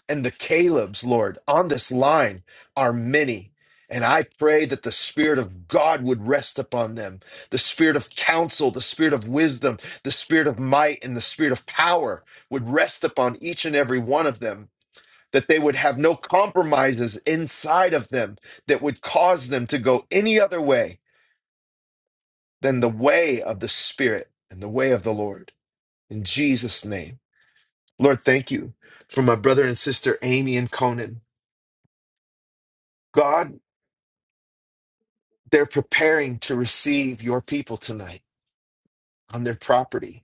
and the Calebs, Lord. On this line are many. And I pray that the Spirit of God would rest upon them the Spirit of counsel, the Spirit of wisdom, the Spirit of might, and the Spirit of power would rest upon each and every one of them that they would have no compromises inside of them that would cause them to go any other way than the way of the Spirit and the way of the Lord. In Jesus' name. Lord, thank you for my brother and sister, Amy and Conan. God, they're preparing to receive your people tonight on their property.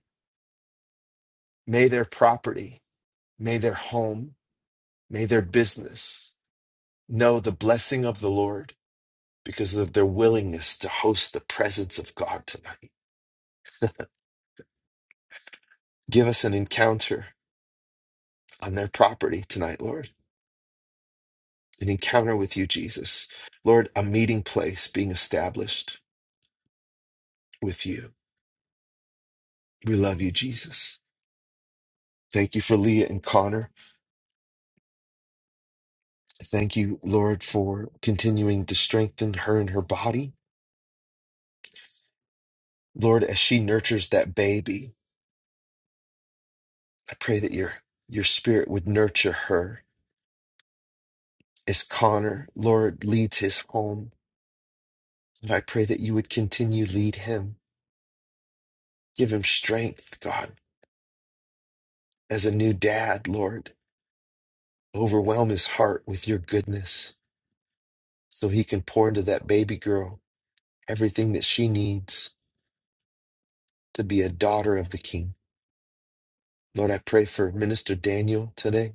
May their property, may their home, may their business know the blessing of the Lord because of their willingness to host the presence of God tonight. Give us an encounter on their property tonight, Lord. An encounter with you, Jesus. Lord, a meeting place being established with you. We love you, Jesus. Thank you for Leah and Connor. Thank you, Lord, for continuing to strengthen her and her body. Lord, as she nurtures that baby, I pray that your your spirit would nurture her as Connor, Lord, leads his home. And I pray that you would continue lead him. Give him strength, God, as a new dad, Lord Overwhelm his heart with your goodness so he can pour into that baby girl everything that she needs to be a daughter of the king. Lord, I pray for Minister Daniel today.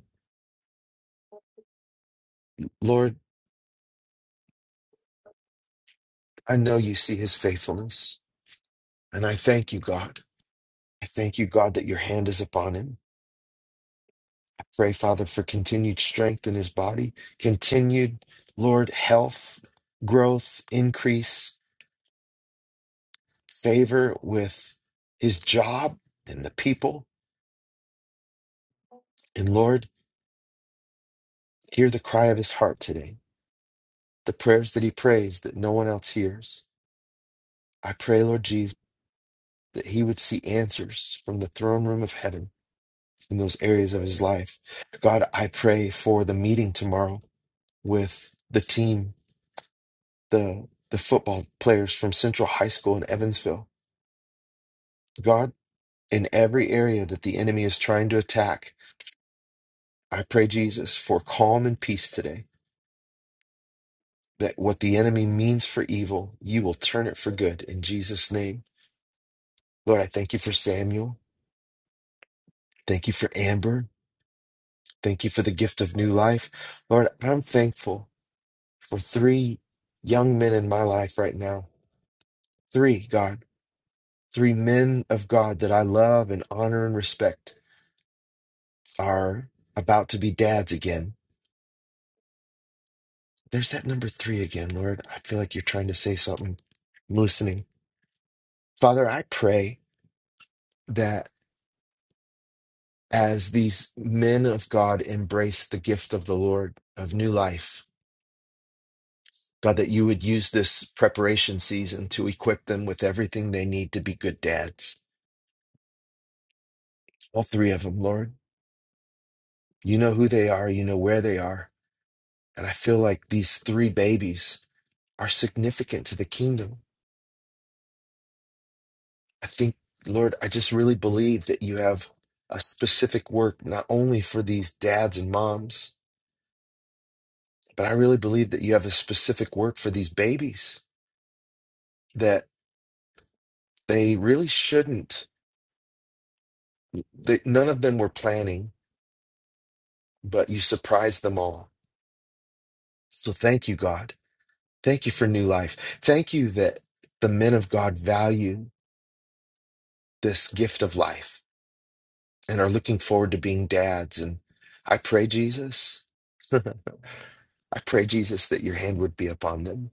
Lord, I know you see his faithfulness, and I thank you, God. I thank you, God, that your hand is upon him. I pray, Father, for continued strength in his body, continued, Lord, health, growth, increase, favor with his job and the people. And Lord, Hear the cry of his heart today, the prayers that he prays that no one else hears. I pray, Lord Jesus, that he would see answers from the throne room of heaven in those areas of his life. God, I pray for the meeting tomorrow with the team, the the football players from Central High School in Evansville. God, in every area that the enemy is trying to attack, I pray, Jesus, for calm and peace today. That what the enemy means for evil, you will turn it for good in Jesus' name. Lord, I thank you for Samuel. Thank you for Amber. Thank you for the gift of new life. Lord, I'm thankful for three young men in my life right now. Three, God, three men of God that I love and honor and respect are about to be dads again. There's that number three again, Lord. I feel like you're trying to say something. I'm listening. Father, I pray that as these men of God embrace the gift of the Lord of new life, God, that you would use this preparation season to equip them with everything they need to be good dads. All three of them, Lord. You know who they are, you know where they are. And I feel like these three babies are significant to the kingdom. I think, Lord, I just really believe that you have a specific work not only for these dads and moms, but I really believe that you have a specific work for these babies that they really shouldn't, that none of them were planning, but you surprised them all So thank you, God. Thank you for new life. Thank you that the men of God value this gift of life and are looking forward to being dads. And I pray, Jesus, <laughs> I pray, Jesus, that your hand would be upon them,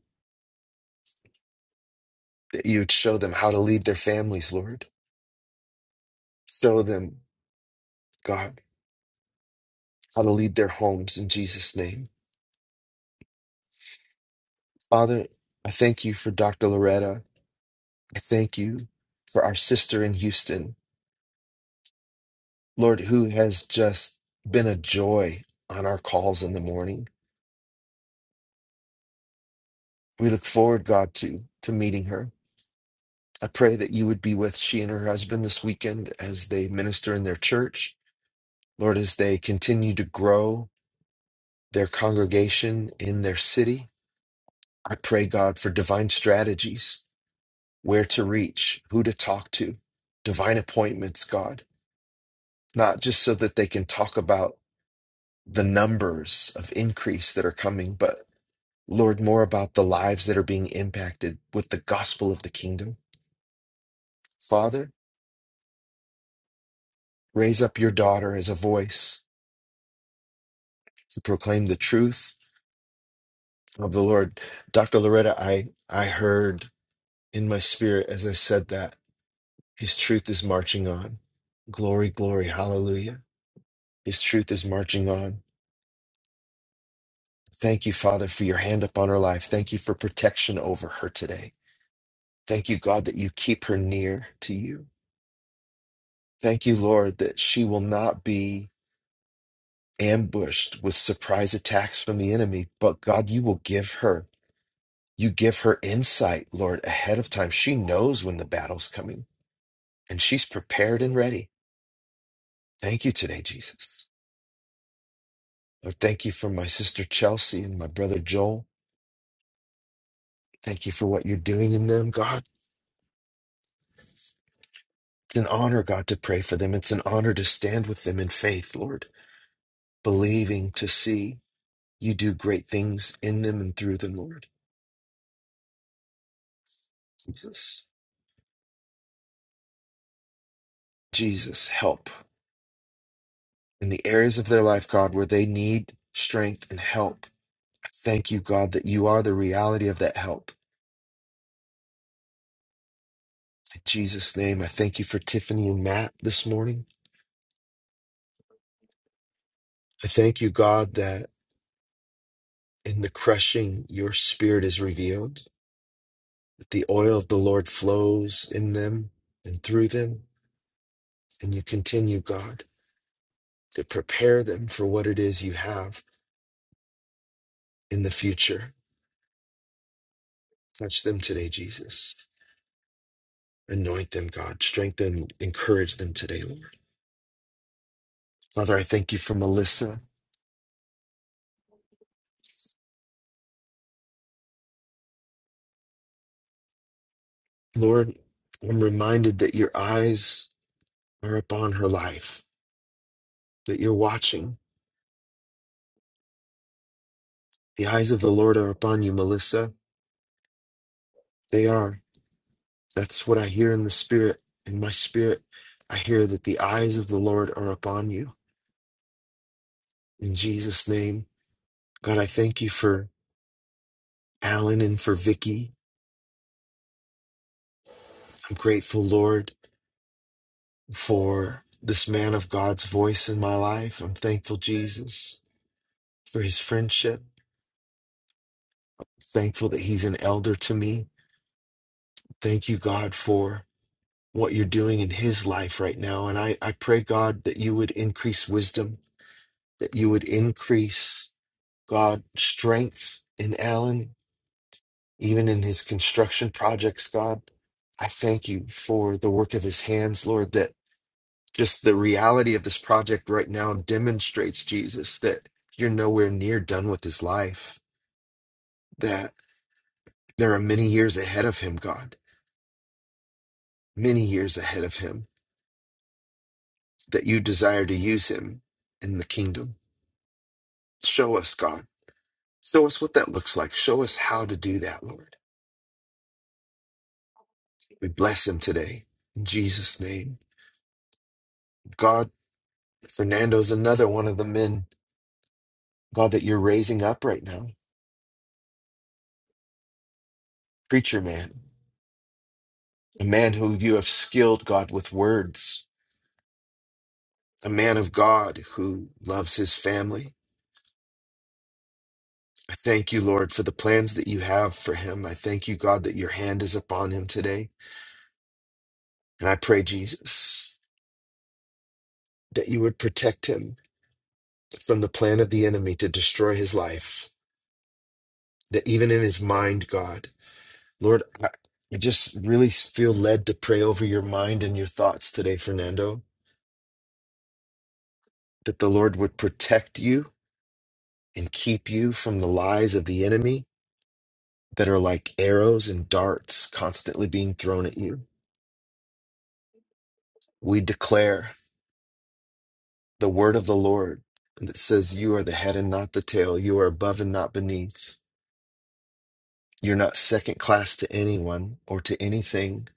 that you would show them how to lead their families, Lord. Show them, God, how to lead their homes in Jesus' name. Father, I thank you for Dr. Loretta. I thank you for our sister in Houston. Lord, who has just been a joy on our calls in the morning. We look forward, God, to to meeting her. I pray that you would be with she and her husband this weekend as they minister in their church. Lord, as they continue to grow their congregation in their city, I pray, God, for divine strategies, where to reach, who to talk to, divine appointments, God, not just so that they can talk about the numbers of increase that are coming, but Lord, more about the lives that are being impacted with the gospel of the kingdom. Father, raise up your daughter as a voice to proclaim the truth of the Lord. Dr. Loretta, I, I heard in my spirit as I said that his truth is marching on. Glory, glory, hallelujah. His truth is marching on. Thank you, Father, for your hand upon her life. Thank you for protection over her today. Thank you, God, that you keep her near to you. Thank you, Lord, that she will not be ambushed with surprise attacks from the enemy, but God, you will give her. You give her insight, Lord, ahead of time. She knows when the battle's coming and she's prepared and ready. Thank you today, Jesus. Lord, thank you for my sister Chelsea and my brother Joel. Thank you for what you're doing in them, God. It's an honor, God, to pray for them. It's an honor to stand with them in faith, Lord, believing to see you do great things in them and through them, Lord. Jesus, Jesus, help. in the areas of their life, God, where they need strength and help. I Thank you, God, that you are the reality of that help. In Jesus' name, I thank you for Tiffany and Matt this morning. I thank you, God, that in the crushing, your spirit is revealed, that the oil of the Lord flows in them and through them, and you continue, God, to prepare them for what it is you have in the future. Touch them today, Jesus. Anoint them, God. Strengthen, encourage them today, Lord. Father, I thank you for Melissa. Lord, I'm reminded that your eyes are upon her life, that you're watching. The eyes of the Lord are upon you, Melissa. They are. That's what I hear in the spirit. In my spirit, I hear that the eyes of the Lord are upon you. In Jesus' name, God, I thank you for Alan and for Vicky. I'm grateful, Lord, for this man of God's voice in my life. I'm thankful, Jesus, for his friendship. Thankful that he's an elder to me Thank you, God, for what you're doing in his life right now. And I, I pray, God, that you would increase wisdom, that you would increase, God, strength in Alan, even in his construction projects, God. I thank you for the work of his hands, Lord, that just the reality of this project right now demonstrates, Jesus, that you're nowhere near done with his life, that there are many years ahead of him, God, many years ahead of him that you desire to use him in the kingdom. Show us, God. Show us what that looks like. Show us how to do that, Lord. We bless him today. In Jesus' name. God, Fernando's another one of the men, God, that you're raising up right now. Preacher man, a man who you have skilled, God, with words, a man of God who loves his family. I thank you, Lord, for the plans that you have for him. I thank you, God, that your hand is upon him today. And I pray, Jesus, that you would protect him from the plan of the enemy to destroy his life, that even in his mind, God, Lord, I, I just really feel led to pray over your mind and your thoughts today, Fernando, that the Lord would protect you and keep you from the lies of the enemy that are like arrows and darts constantly being thrown at you. We declare the word of the Lord that says, You are the head and not the tail. You are above and not beneath. You're not second class to anyone or to anything.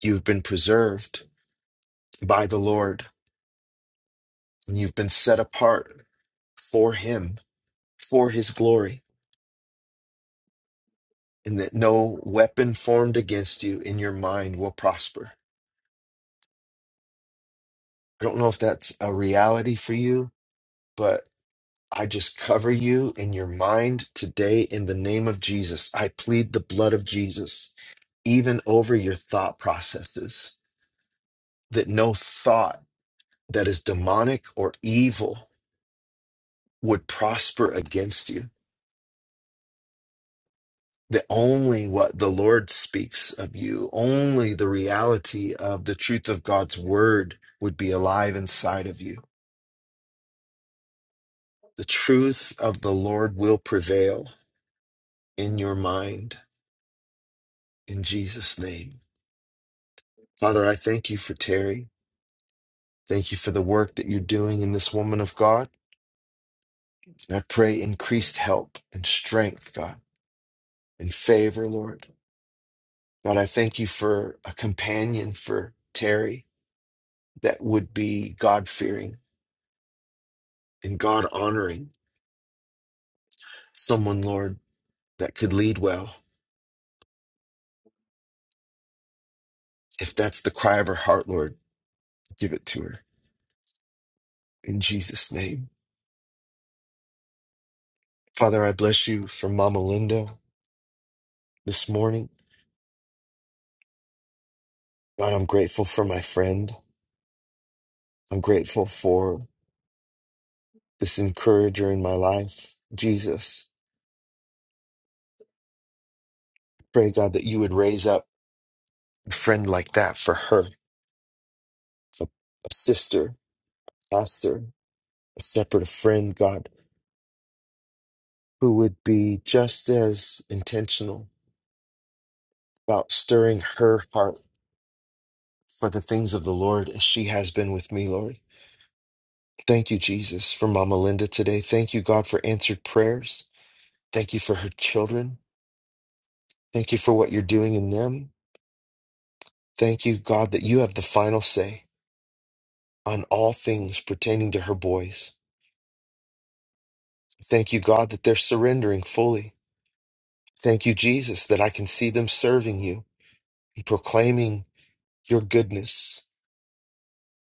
You've been preserved by the Lord, and you've been set apart for Him, for His glory, and that no weapon formed against you in your mind will prosper. I don't know if that's a reality for you, but I just cover you in your mind today in the name of Jesus. I plead the blood of Jesus, even over your thought processes, that no thought that is demonic or evil would prosper against you that only what the Lord speaks of you, only the reality of the truth of God's word would be alive inside of you. The truth of the Lord will prevail in your mind in Jesus' name. Father, I thank you for Terry. Thank you for the work that you're doing in this woman of God. And I pray increased help and strength, God, and favor, Lord. God, I thank you for a companion for Terry that would be God fearing and God honoring. someone, Lord, that could lead well. If that's the cry of her heart, Lord, give it to her in Jesus' name. Father, I bless you for Mama Linda this morning. God, I'm grateful for my friend. I'm grateful for this encourager in my life, Jesus. Pray, God, that you would raise up a friend like that for her, a, a sister, pastor, a separate friend, God, who would be just as intentional about stirring her heart for the things of the Lord as she has been with me, Lord. Thank you, Jesus, for Mama Linda today. Thank you, God, for answered prayers. Thank you for her children. Thank you for what you're doing in them. Thank you, God, that you have the final say on all things pertaining to her boys. Thank you, God, that they're surrendering fully. Thank you, Jesus, that I can see them serving you and proclaiming your goodness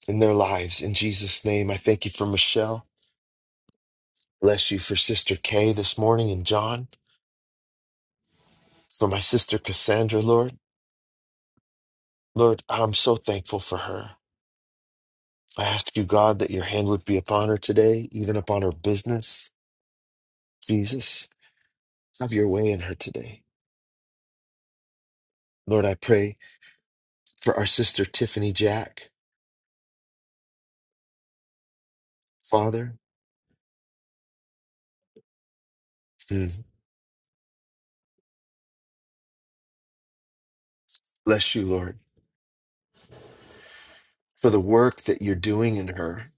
in their lives. In Jesus' name, I thank you for Michelle. Bless you for Sister Kay this morning and John. So my sister Cassandra, Lord, Lord, I'm so thankful for her. I ask you, God, that your hand would be upon her today, even upon her business. Jesus, have your way in her today. Lord, I pray for our sister Tiffany Jack. Father, hmm, bless you, Lord, for the work that you're doing in her,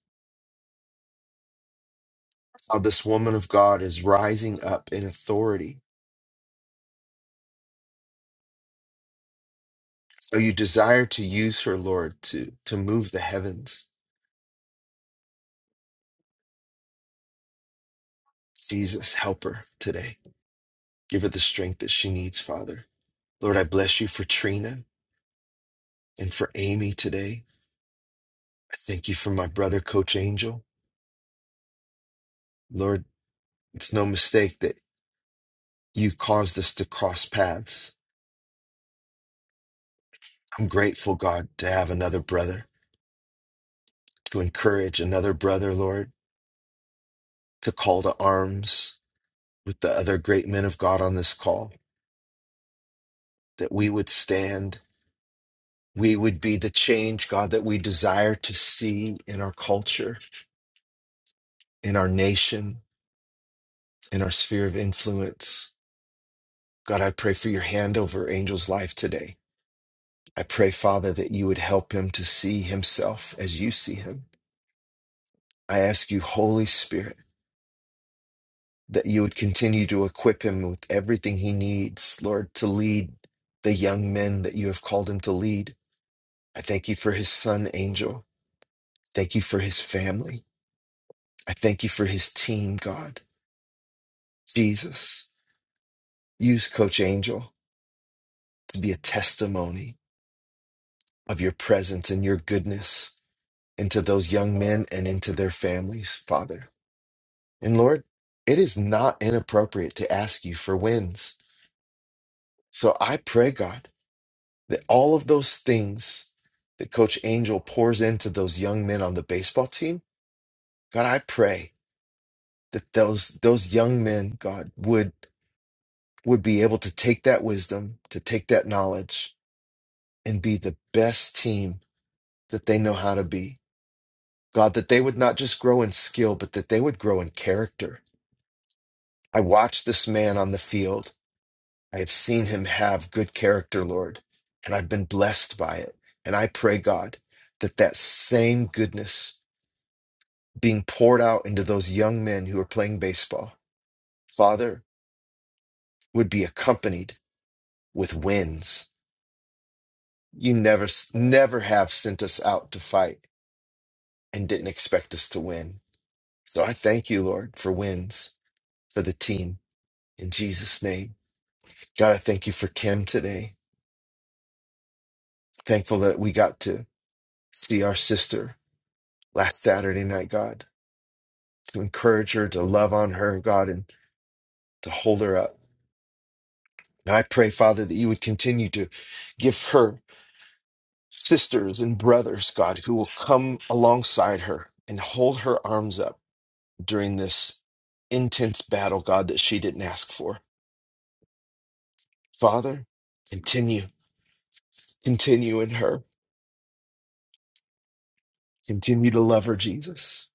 how this woman of God is rising up in authority. So you desire to use her, Lord, to, to move the heavens. Jesus, help her today. Give her the strength that she needs, Father. Lord, I bless you for Trina and for Amy today. I thank you for my brother, Coach Angel. Lord, it's no mistake that you caused us to cross paths. I'm grateful, God, to have another brother, to encourage another brother, Lord, to call to arms with the other great men of God on this call, that we would stand. We would be the change, God, that we desire to see in our culture, in our nation, in our sphere of influence. God, I pray for your hand over Angel's life today. I pray, Father, that you would help him to see himself as you see him. I ask you, Holy Spirit, that you would continue to equip him with everything he needs, Lord, to lead the young men that you have called him to lead. I thank you for his son, Angel. Thank you for his family. I thank you for his team, God. Jesus, use Coach Angel to be a testimony of your presence and your goodness into those young men and into their families, Father. And Lord, it is not inappropriate to ask you for wins. So I pray, God, that all of those things that Coach Angel pours into those young men on the baseball team, God, I pray that those those young men, God, would would be able to take that wisdom, to take that knowledge, and be the best team that they know how to be. God, that they would not just grow in skill, but that they would grow in character. I watched this man on the field I have seen him have good character, Lord, and I've been blessed by it. And I pray, God, that that same goodness being poured out into those young men who are playing baseball, Father, would be accompanied with wins. You never, never have sent us out to fight and didn't expect us to win. So I thank you, Lord, for wins for the team in Jesus' name. God, I thank you for Kim today. Thankful that we got to see our sister last Saturday night, God to encourage her, to love on her, God, and to hold her up. And I pray, Father, that you would continue to give her sisters and brothers, God, who will come alongside her and hold her arms up during this intense battle, God, that she didn't ask for. Father, continue, continue in her. Continue to love her, Jesus.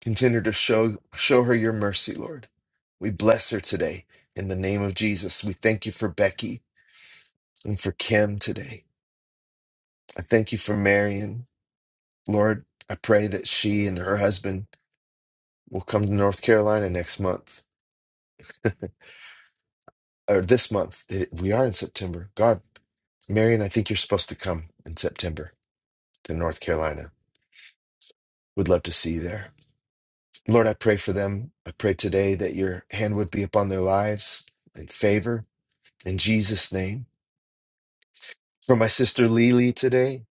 Continue to show show her your mercy, Lord. We bless her today. In the name of Jesus, we thank you for Becky and for Kim today. I thank you for Marion. Lord, I pray that she and her husband will come to North Carolina next month or this month. It- We are in September. God, Marion, I think you're supposed to come in September to North Carolina. Would love to see you there. Lord, I pray for them. I pray today that your hand would be upon their lives in favor in Jesus' name. For my sister Lily today,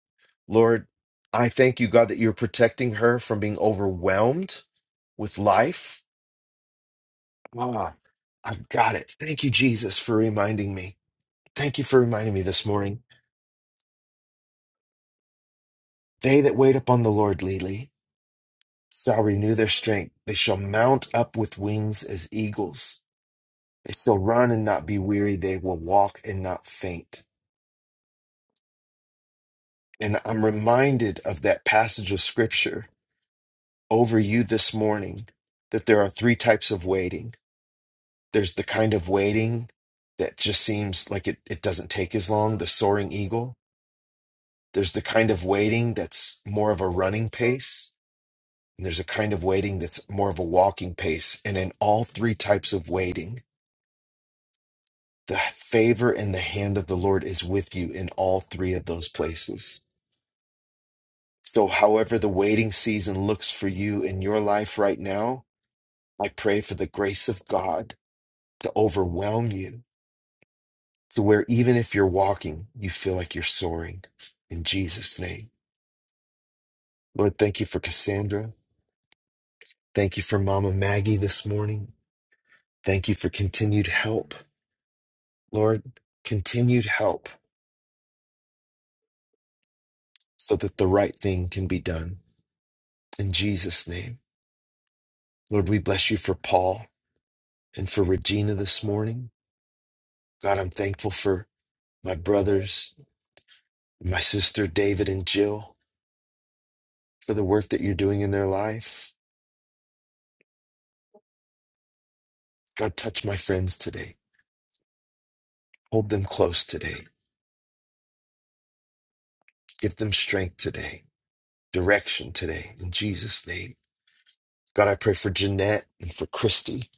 Lord, I thank you, God, that you're protecting her from being overwhelmed with life Ah, I've got it. Thank you, Jesus, for reminding me. Thank you for reminding me this morning. They that wait upon the Lord, Lily, shall renew their strength. They shall mount up with wings as eagles. They shall run and not be weary. They will walk and not faint. And I'm reminded of that passage of scripture over you this morning that there are three types of waiting. There's the kind of waiting that just seems like it, it doesn't take as long, the soaring eagle. There's the kind of waiting that's more of a running pace, and there's a kind of waiting that's more of a walking pace. And in all three types of waiting, the favor and the hand of the Lord is with you in all three of those places. So, however, the waiting season looks for you in your life right now, I pray for the grace of God to overwhelm you to where even if you're walking, you feel like you're soaring in Jesus' name. Lord, thank you for Cassandra. Thank you for Mama Maggie this morning. Thank you for continued help, Lord. Continued help so that the right thing can be done. In Jesus' name. Lord, we bless you for Paul and for Regina this morning. God, I'm thankful for my brothers, my sister David and Jill, for the work that you're doing in their life. God, touch my friends today. Hold them close today. Give them strength today, direction today. In Jesus' name. God, I pray for Jeanette and for Christy.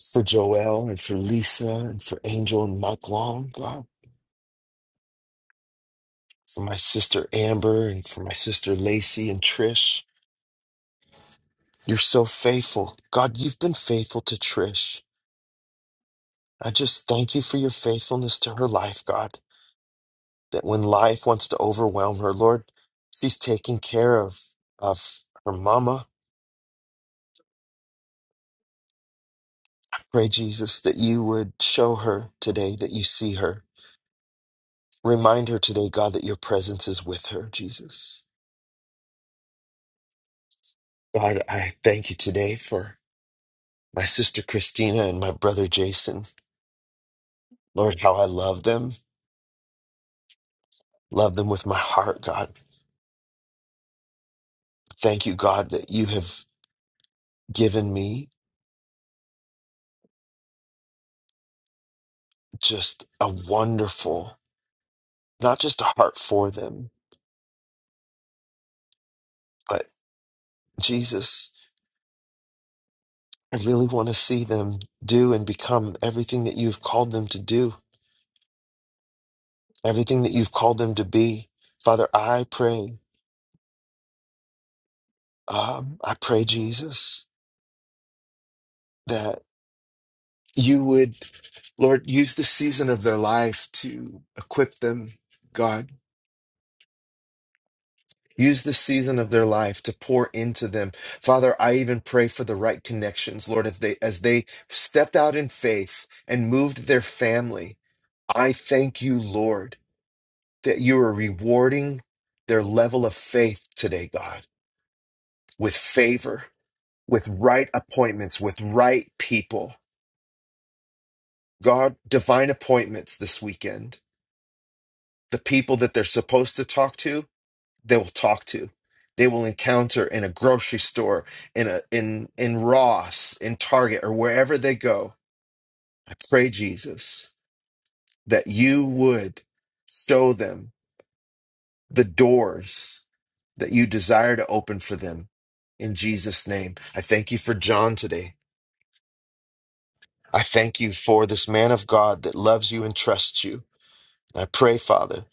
for Joelle and for Lisa and for Angel and Mike Long, God, for my sister Amber and for my sister Lacey and Trish. You're so faithful. God, you've been faithful to Trish. I just thank you for your faithfulness to her life, God, that when life wants to overwhelm her, Lord, she's taking care of, of her mama. Pray, Jesus, that you would show her today that you see her. Remind her today, God, that your presence is with her, Jesus. God, I thank you today for my sister Christina and my brother Jason. Lord, how I love them. Love them with my heart, God. Thank you, God, that you have given me just a wonderful, not just a heart for them, but Jesus, I really want to see them do and become everything that you've called them to do, everything that you've called them to be. Father, I pray, um, I pray, Jesus, that you would, Lord, use the season of their life to equip them, God Use the season of their life to pour into them. Father, I even pray for the right connections, Lord, if they as they stepped out in faith and moved their family. I thank you, Lord, that you are rewarding their level of faith today, God, with favor, with right appointments, with right people. God, divine appointments this weekend. The people that they're supposed to talk to they will talk to they will encounter in a grocery store in a in in ross in target or wherever they go i pray jesus that you would show them the doors that you desire to open for them in jesus name i thank you for john today i thank you for this man of god that loves you and trusts you i pray father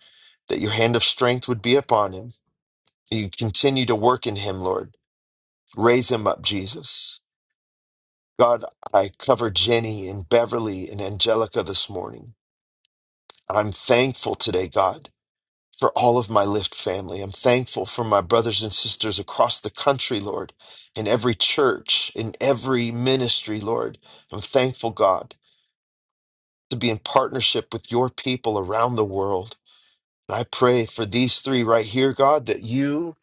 that your hand of strength would be upon him you continue to work in him lord raise him up jesus God, I cover Jenny and Beverly and Angelica this morning. I'm thankful today, God, for all of my Lyft family. I'm thankful for my brothers and sisters across the country, Lord, in every church, in every ministry, Lord. I'm thankful, God, to be in partnership with your people around the world. And I pray for these three right here, God, that you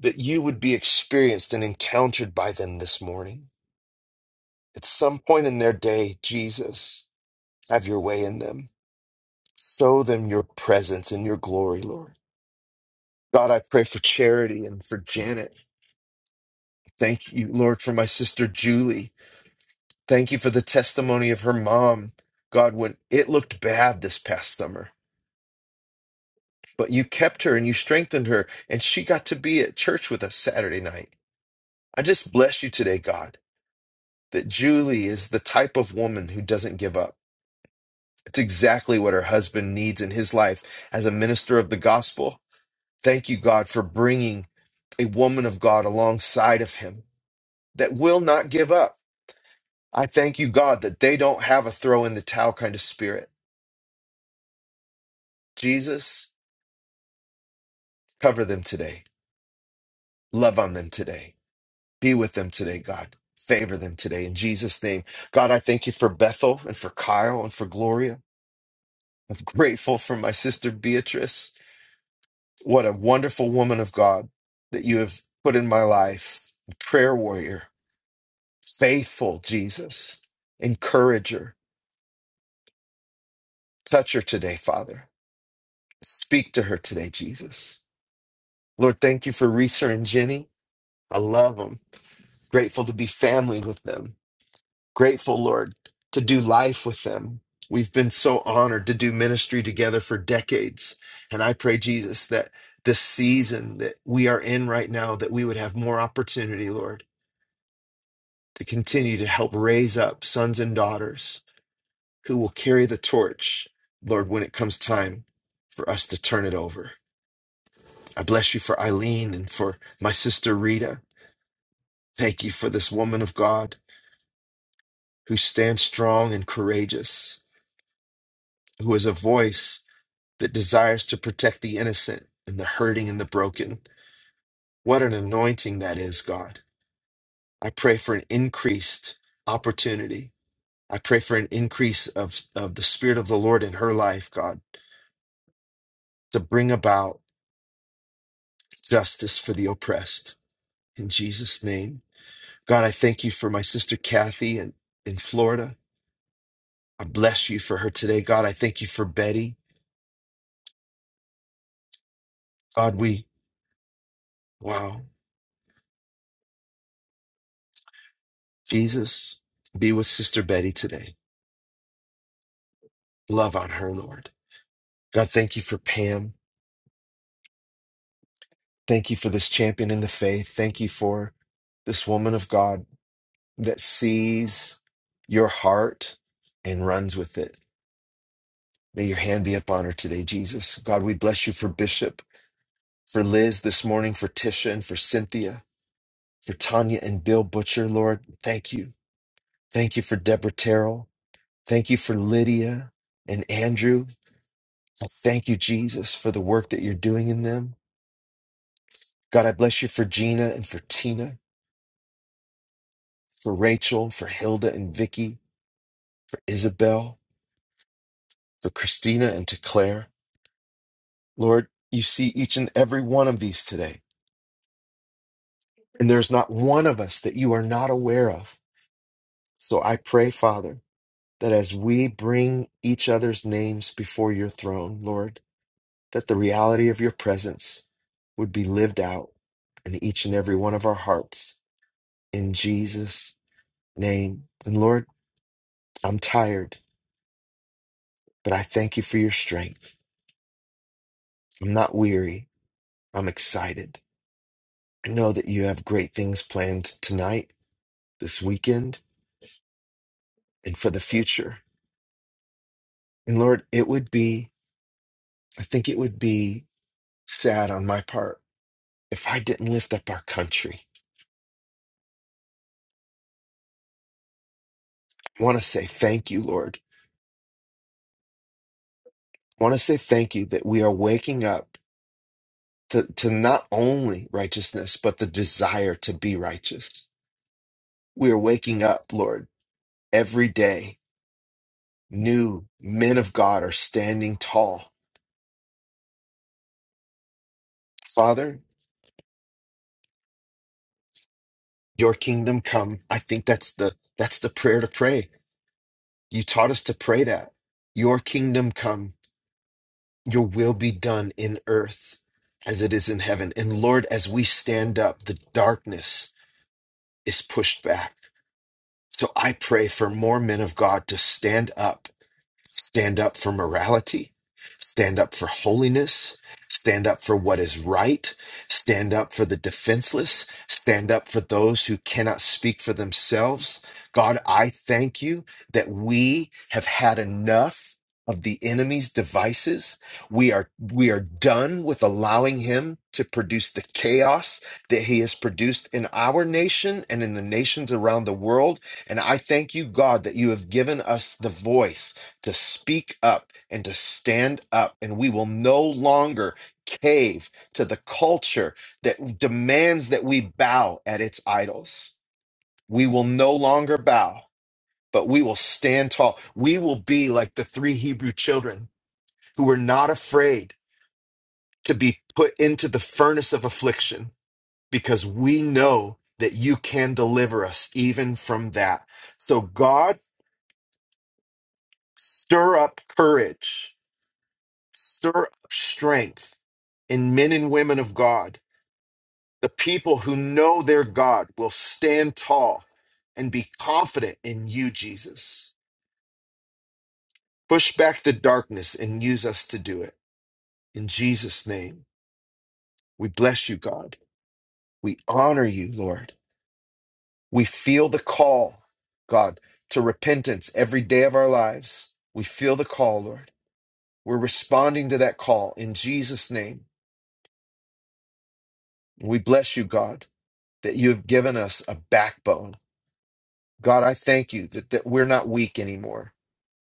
that you would be experienced and encountered by them this morning. At some point in their day, Jesus, have your way in them. Sow them your presence and your glory, Lord. God, I pray for Charity and for Janet. Thank you, Lord, for my sister Julie. Thank you for the testimony of her mom. God, when it looked bad this past summer, but you kept her and you strengthened her, and she got to be at church with us Saturday night. I just bless you today, God, that Julie is the type of woman who doesn't give up. It's exactly what her husband needs in his life as a minister of the gospel Thank you, God, for bringing a woman of God alongside of him that will not give up. I thank you, God, that they don't have a throw in the towel kind of spirit. Jesus, cover them today. Love on them today. Be with them today, God. Favor them today in Jesus' name. God, I thank you for Bethel and for Kyle and for Gloria. I'm <laughs> grateful for my sister Beatrice. What a wonderful woman of God that you have put in my life. Prayer warrior Faithful Jesus, encourage her, touch her today, Father. Speak to her today, Jesus. Lord, thank you for Reeser and Jenny. I love them. Grateful to be family with them. Grateful, Lord, to do life with them. We've been so honored to do ministry together for decades. And I pray, Jesus, that this season that we are in right now, that we would have more opportunity, Lord, to continue to help raise up sons and daughters who will carry the torch, Lord, when it comes time for us to turn it over. I bless you for Eileen and for my sister Rita. Thank you for this woman of God who stands strong and courageous, who is a voice that desires to protect the innocent and the hurting and the broken. What an anointing that is, God. I pray for an increased opportunity. I pray for an increase of, of the Spirit of the Lord in her life, God, to bring about justice for the oppressed In Jesus' name. God, I thank you for my sister Kathy in, in Florida. I bless you for her today. God, I thank you for Betty. God, we, wow. Jesus, be with Sister Betty today. Love on her, Lord. God, thank you for Pam. Thank you for this champion in the faith. Thank you for this woman of God that sees your heart and runs with it. May your hand be upon her today, Jesus. God, we bless you for Bishop, for Liz this morning, for Tisha, and for Cynthia. for Tanya and Bill Butcher, Lord. Thank you. Thank you for Deborah Terrell. Thank you for Lydia and Andrew. I thank you, Jesus, for the work that you're doing in them. God, I bless you for Gina and for Tina, for Rachel, for Hilda and Vicky, for Isabel, for Christina and to Claire. Lord, you see each and every one of these today. And there's not one of us that you are not aware of. So I pray, Father, that as we bring each other's names before your throne, Lord, that the reality of your presence would be lived out in each and every one of our hearts in Jesus' name. And Lord, I'm tired, but I thank you for your strength. I'm not weary, I'm excited. I know that you have great things planned tonight, this weekend, and for the future. And Lord, it would be, I think it would be sad on my part if I didn't lift up our country. I want to say thank you, Lord. I want to say thank you that we are waking up to, to not only righteousness, but the desire to be righteous. We are waking up, Lord, every day. New men of God are standing tall. Father, your kingdom come. I think that's the that's the prayer to pray. You taught us to pray that. Your kingdom come, your will be done in earth as it is in heaven. And Lord, as we stand up, the darkness is pushed back. So I pray for more men of God to stand up stand up for morality, stand up for holiness, stand up for what is right, stand up for the defenseless, stand up for those who cannot speak for themselves. God, I thank you that we have had enough of the enemy's devices. We are we are done with allowing him to produce the chaos that he has produced in our nation and in the nations around the world. And I thank you, God, that you have given us the voice to speak up and to stand up, and we will no longer cave to the culture that demands that we bow at its idols. We will no longer bow, but we will stand tall. We will be like the three Hebrew children who were not afraid to be put into the furnace of affliction because we know that you can deliver us even from that. So, God, stir up courage Stir up strength in men and women of God. The people who know their God will stand tall and be confident in you, Jesus. Push back the darkness and use us to do it. In Jesus' name, we bless you, God. We honor you, Lord. We feel the call, God, to repentance every day of our lives. We feel the call, Lord. We're responding to that call in Jesus' name. We bless you, God, that you have given us a backbone God, I thank you that, that we're not weak anymore.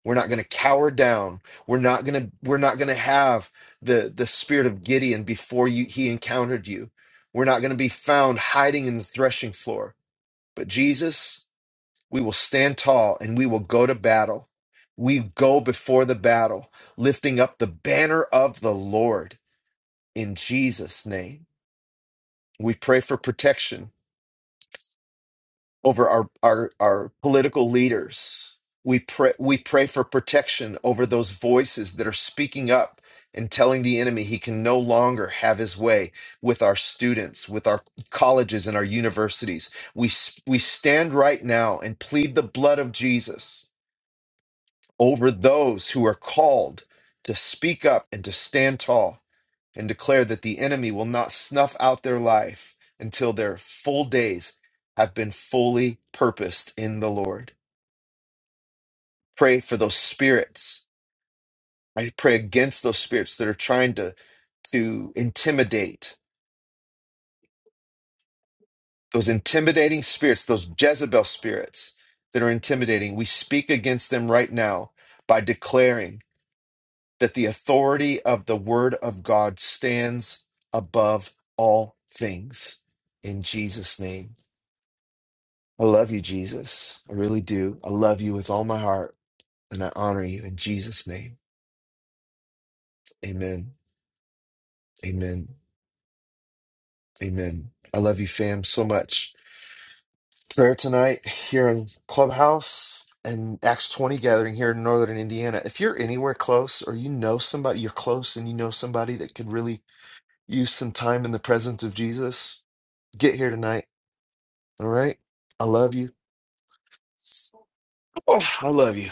We're not going to cower down. We're not going to we're not going to have the the spirit of Gideon before you he encountered you. We're not going to be found hiding in the threshing floor. But Jesus, we will stand tall and we will go to battle. We go before the battle, lifting up the banner of the Lord in Jesus name. We pray for protection over our our our political leaders. We pray we pray for protection over those voices that are speaking up and telling the enemy he can no longer have his way with our students, with our colleges and our universities. We s- we stand right now and plead the blood of Jesus over those who are called to speak up and to stand tall and declare that the enemy will not snuff out their life until their full days have been fully purposed in the Lord. Pray for those spirits. I pray against those spirits that are trying to to intimidate those intimidating spirits, those Jezebel spirits that are intimidating. We speak against them right now by declaring that the authority of the word of God stands above all things. In Jesus' name. I love you, Jesus. I really do. I love you with all my heart and I honor you in Jesus' name. Amen. Amen. Amen. I love you, fam, so much. Prayer tonight here in Clubhouse and Acts 20 gathering here in Northern Indiana. If you're anywhere close or you know somebody, you're close and you know somebody that could really use some time in the presence of Jesus, get here tonight All right. I love you. Oh, I love you.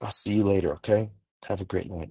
I'll see you later. Okay. Have a great night.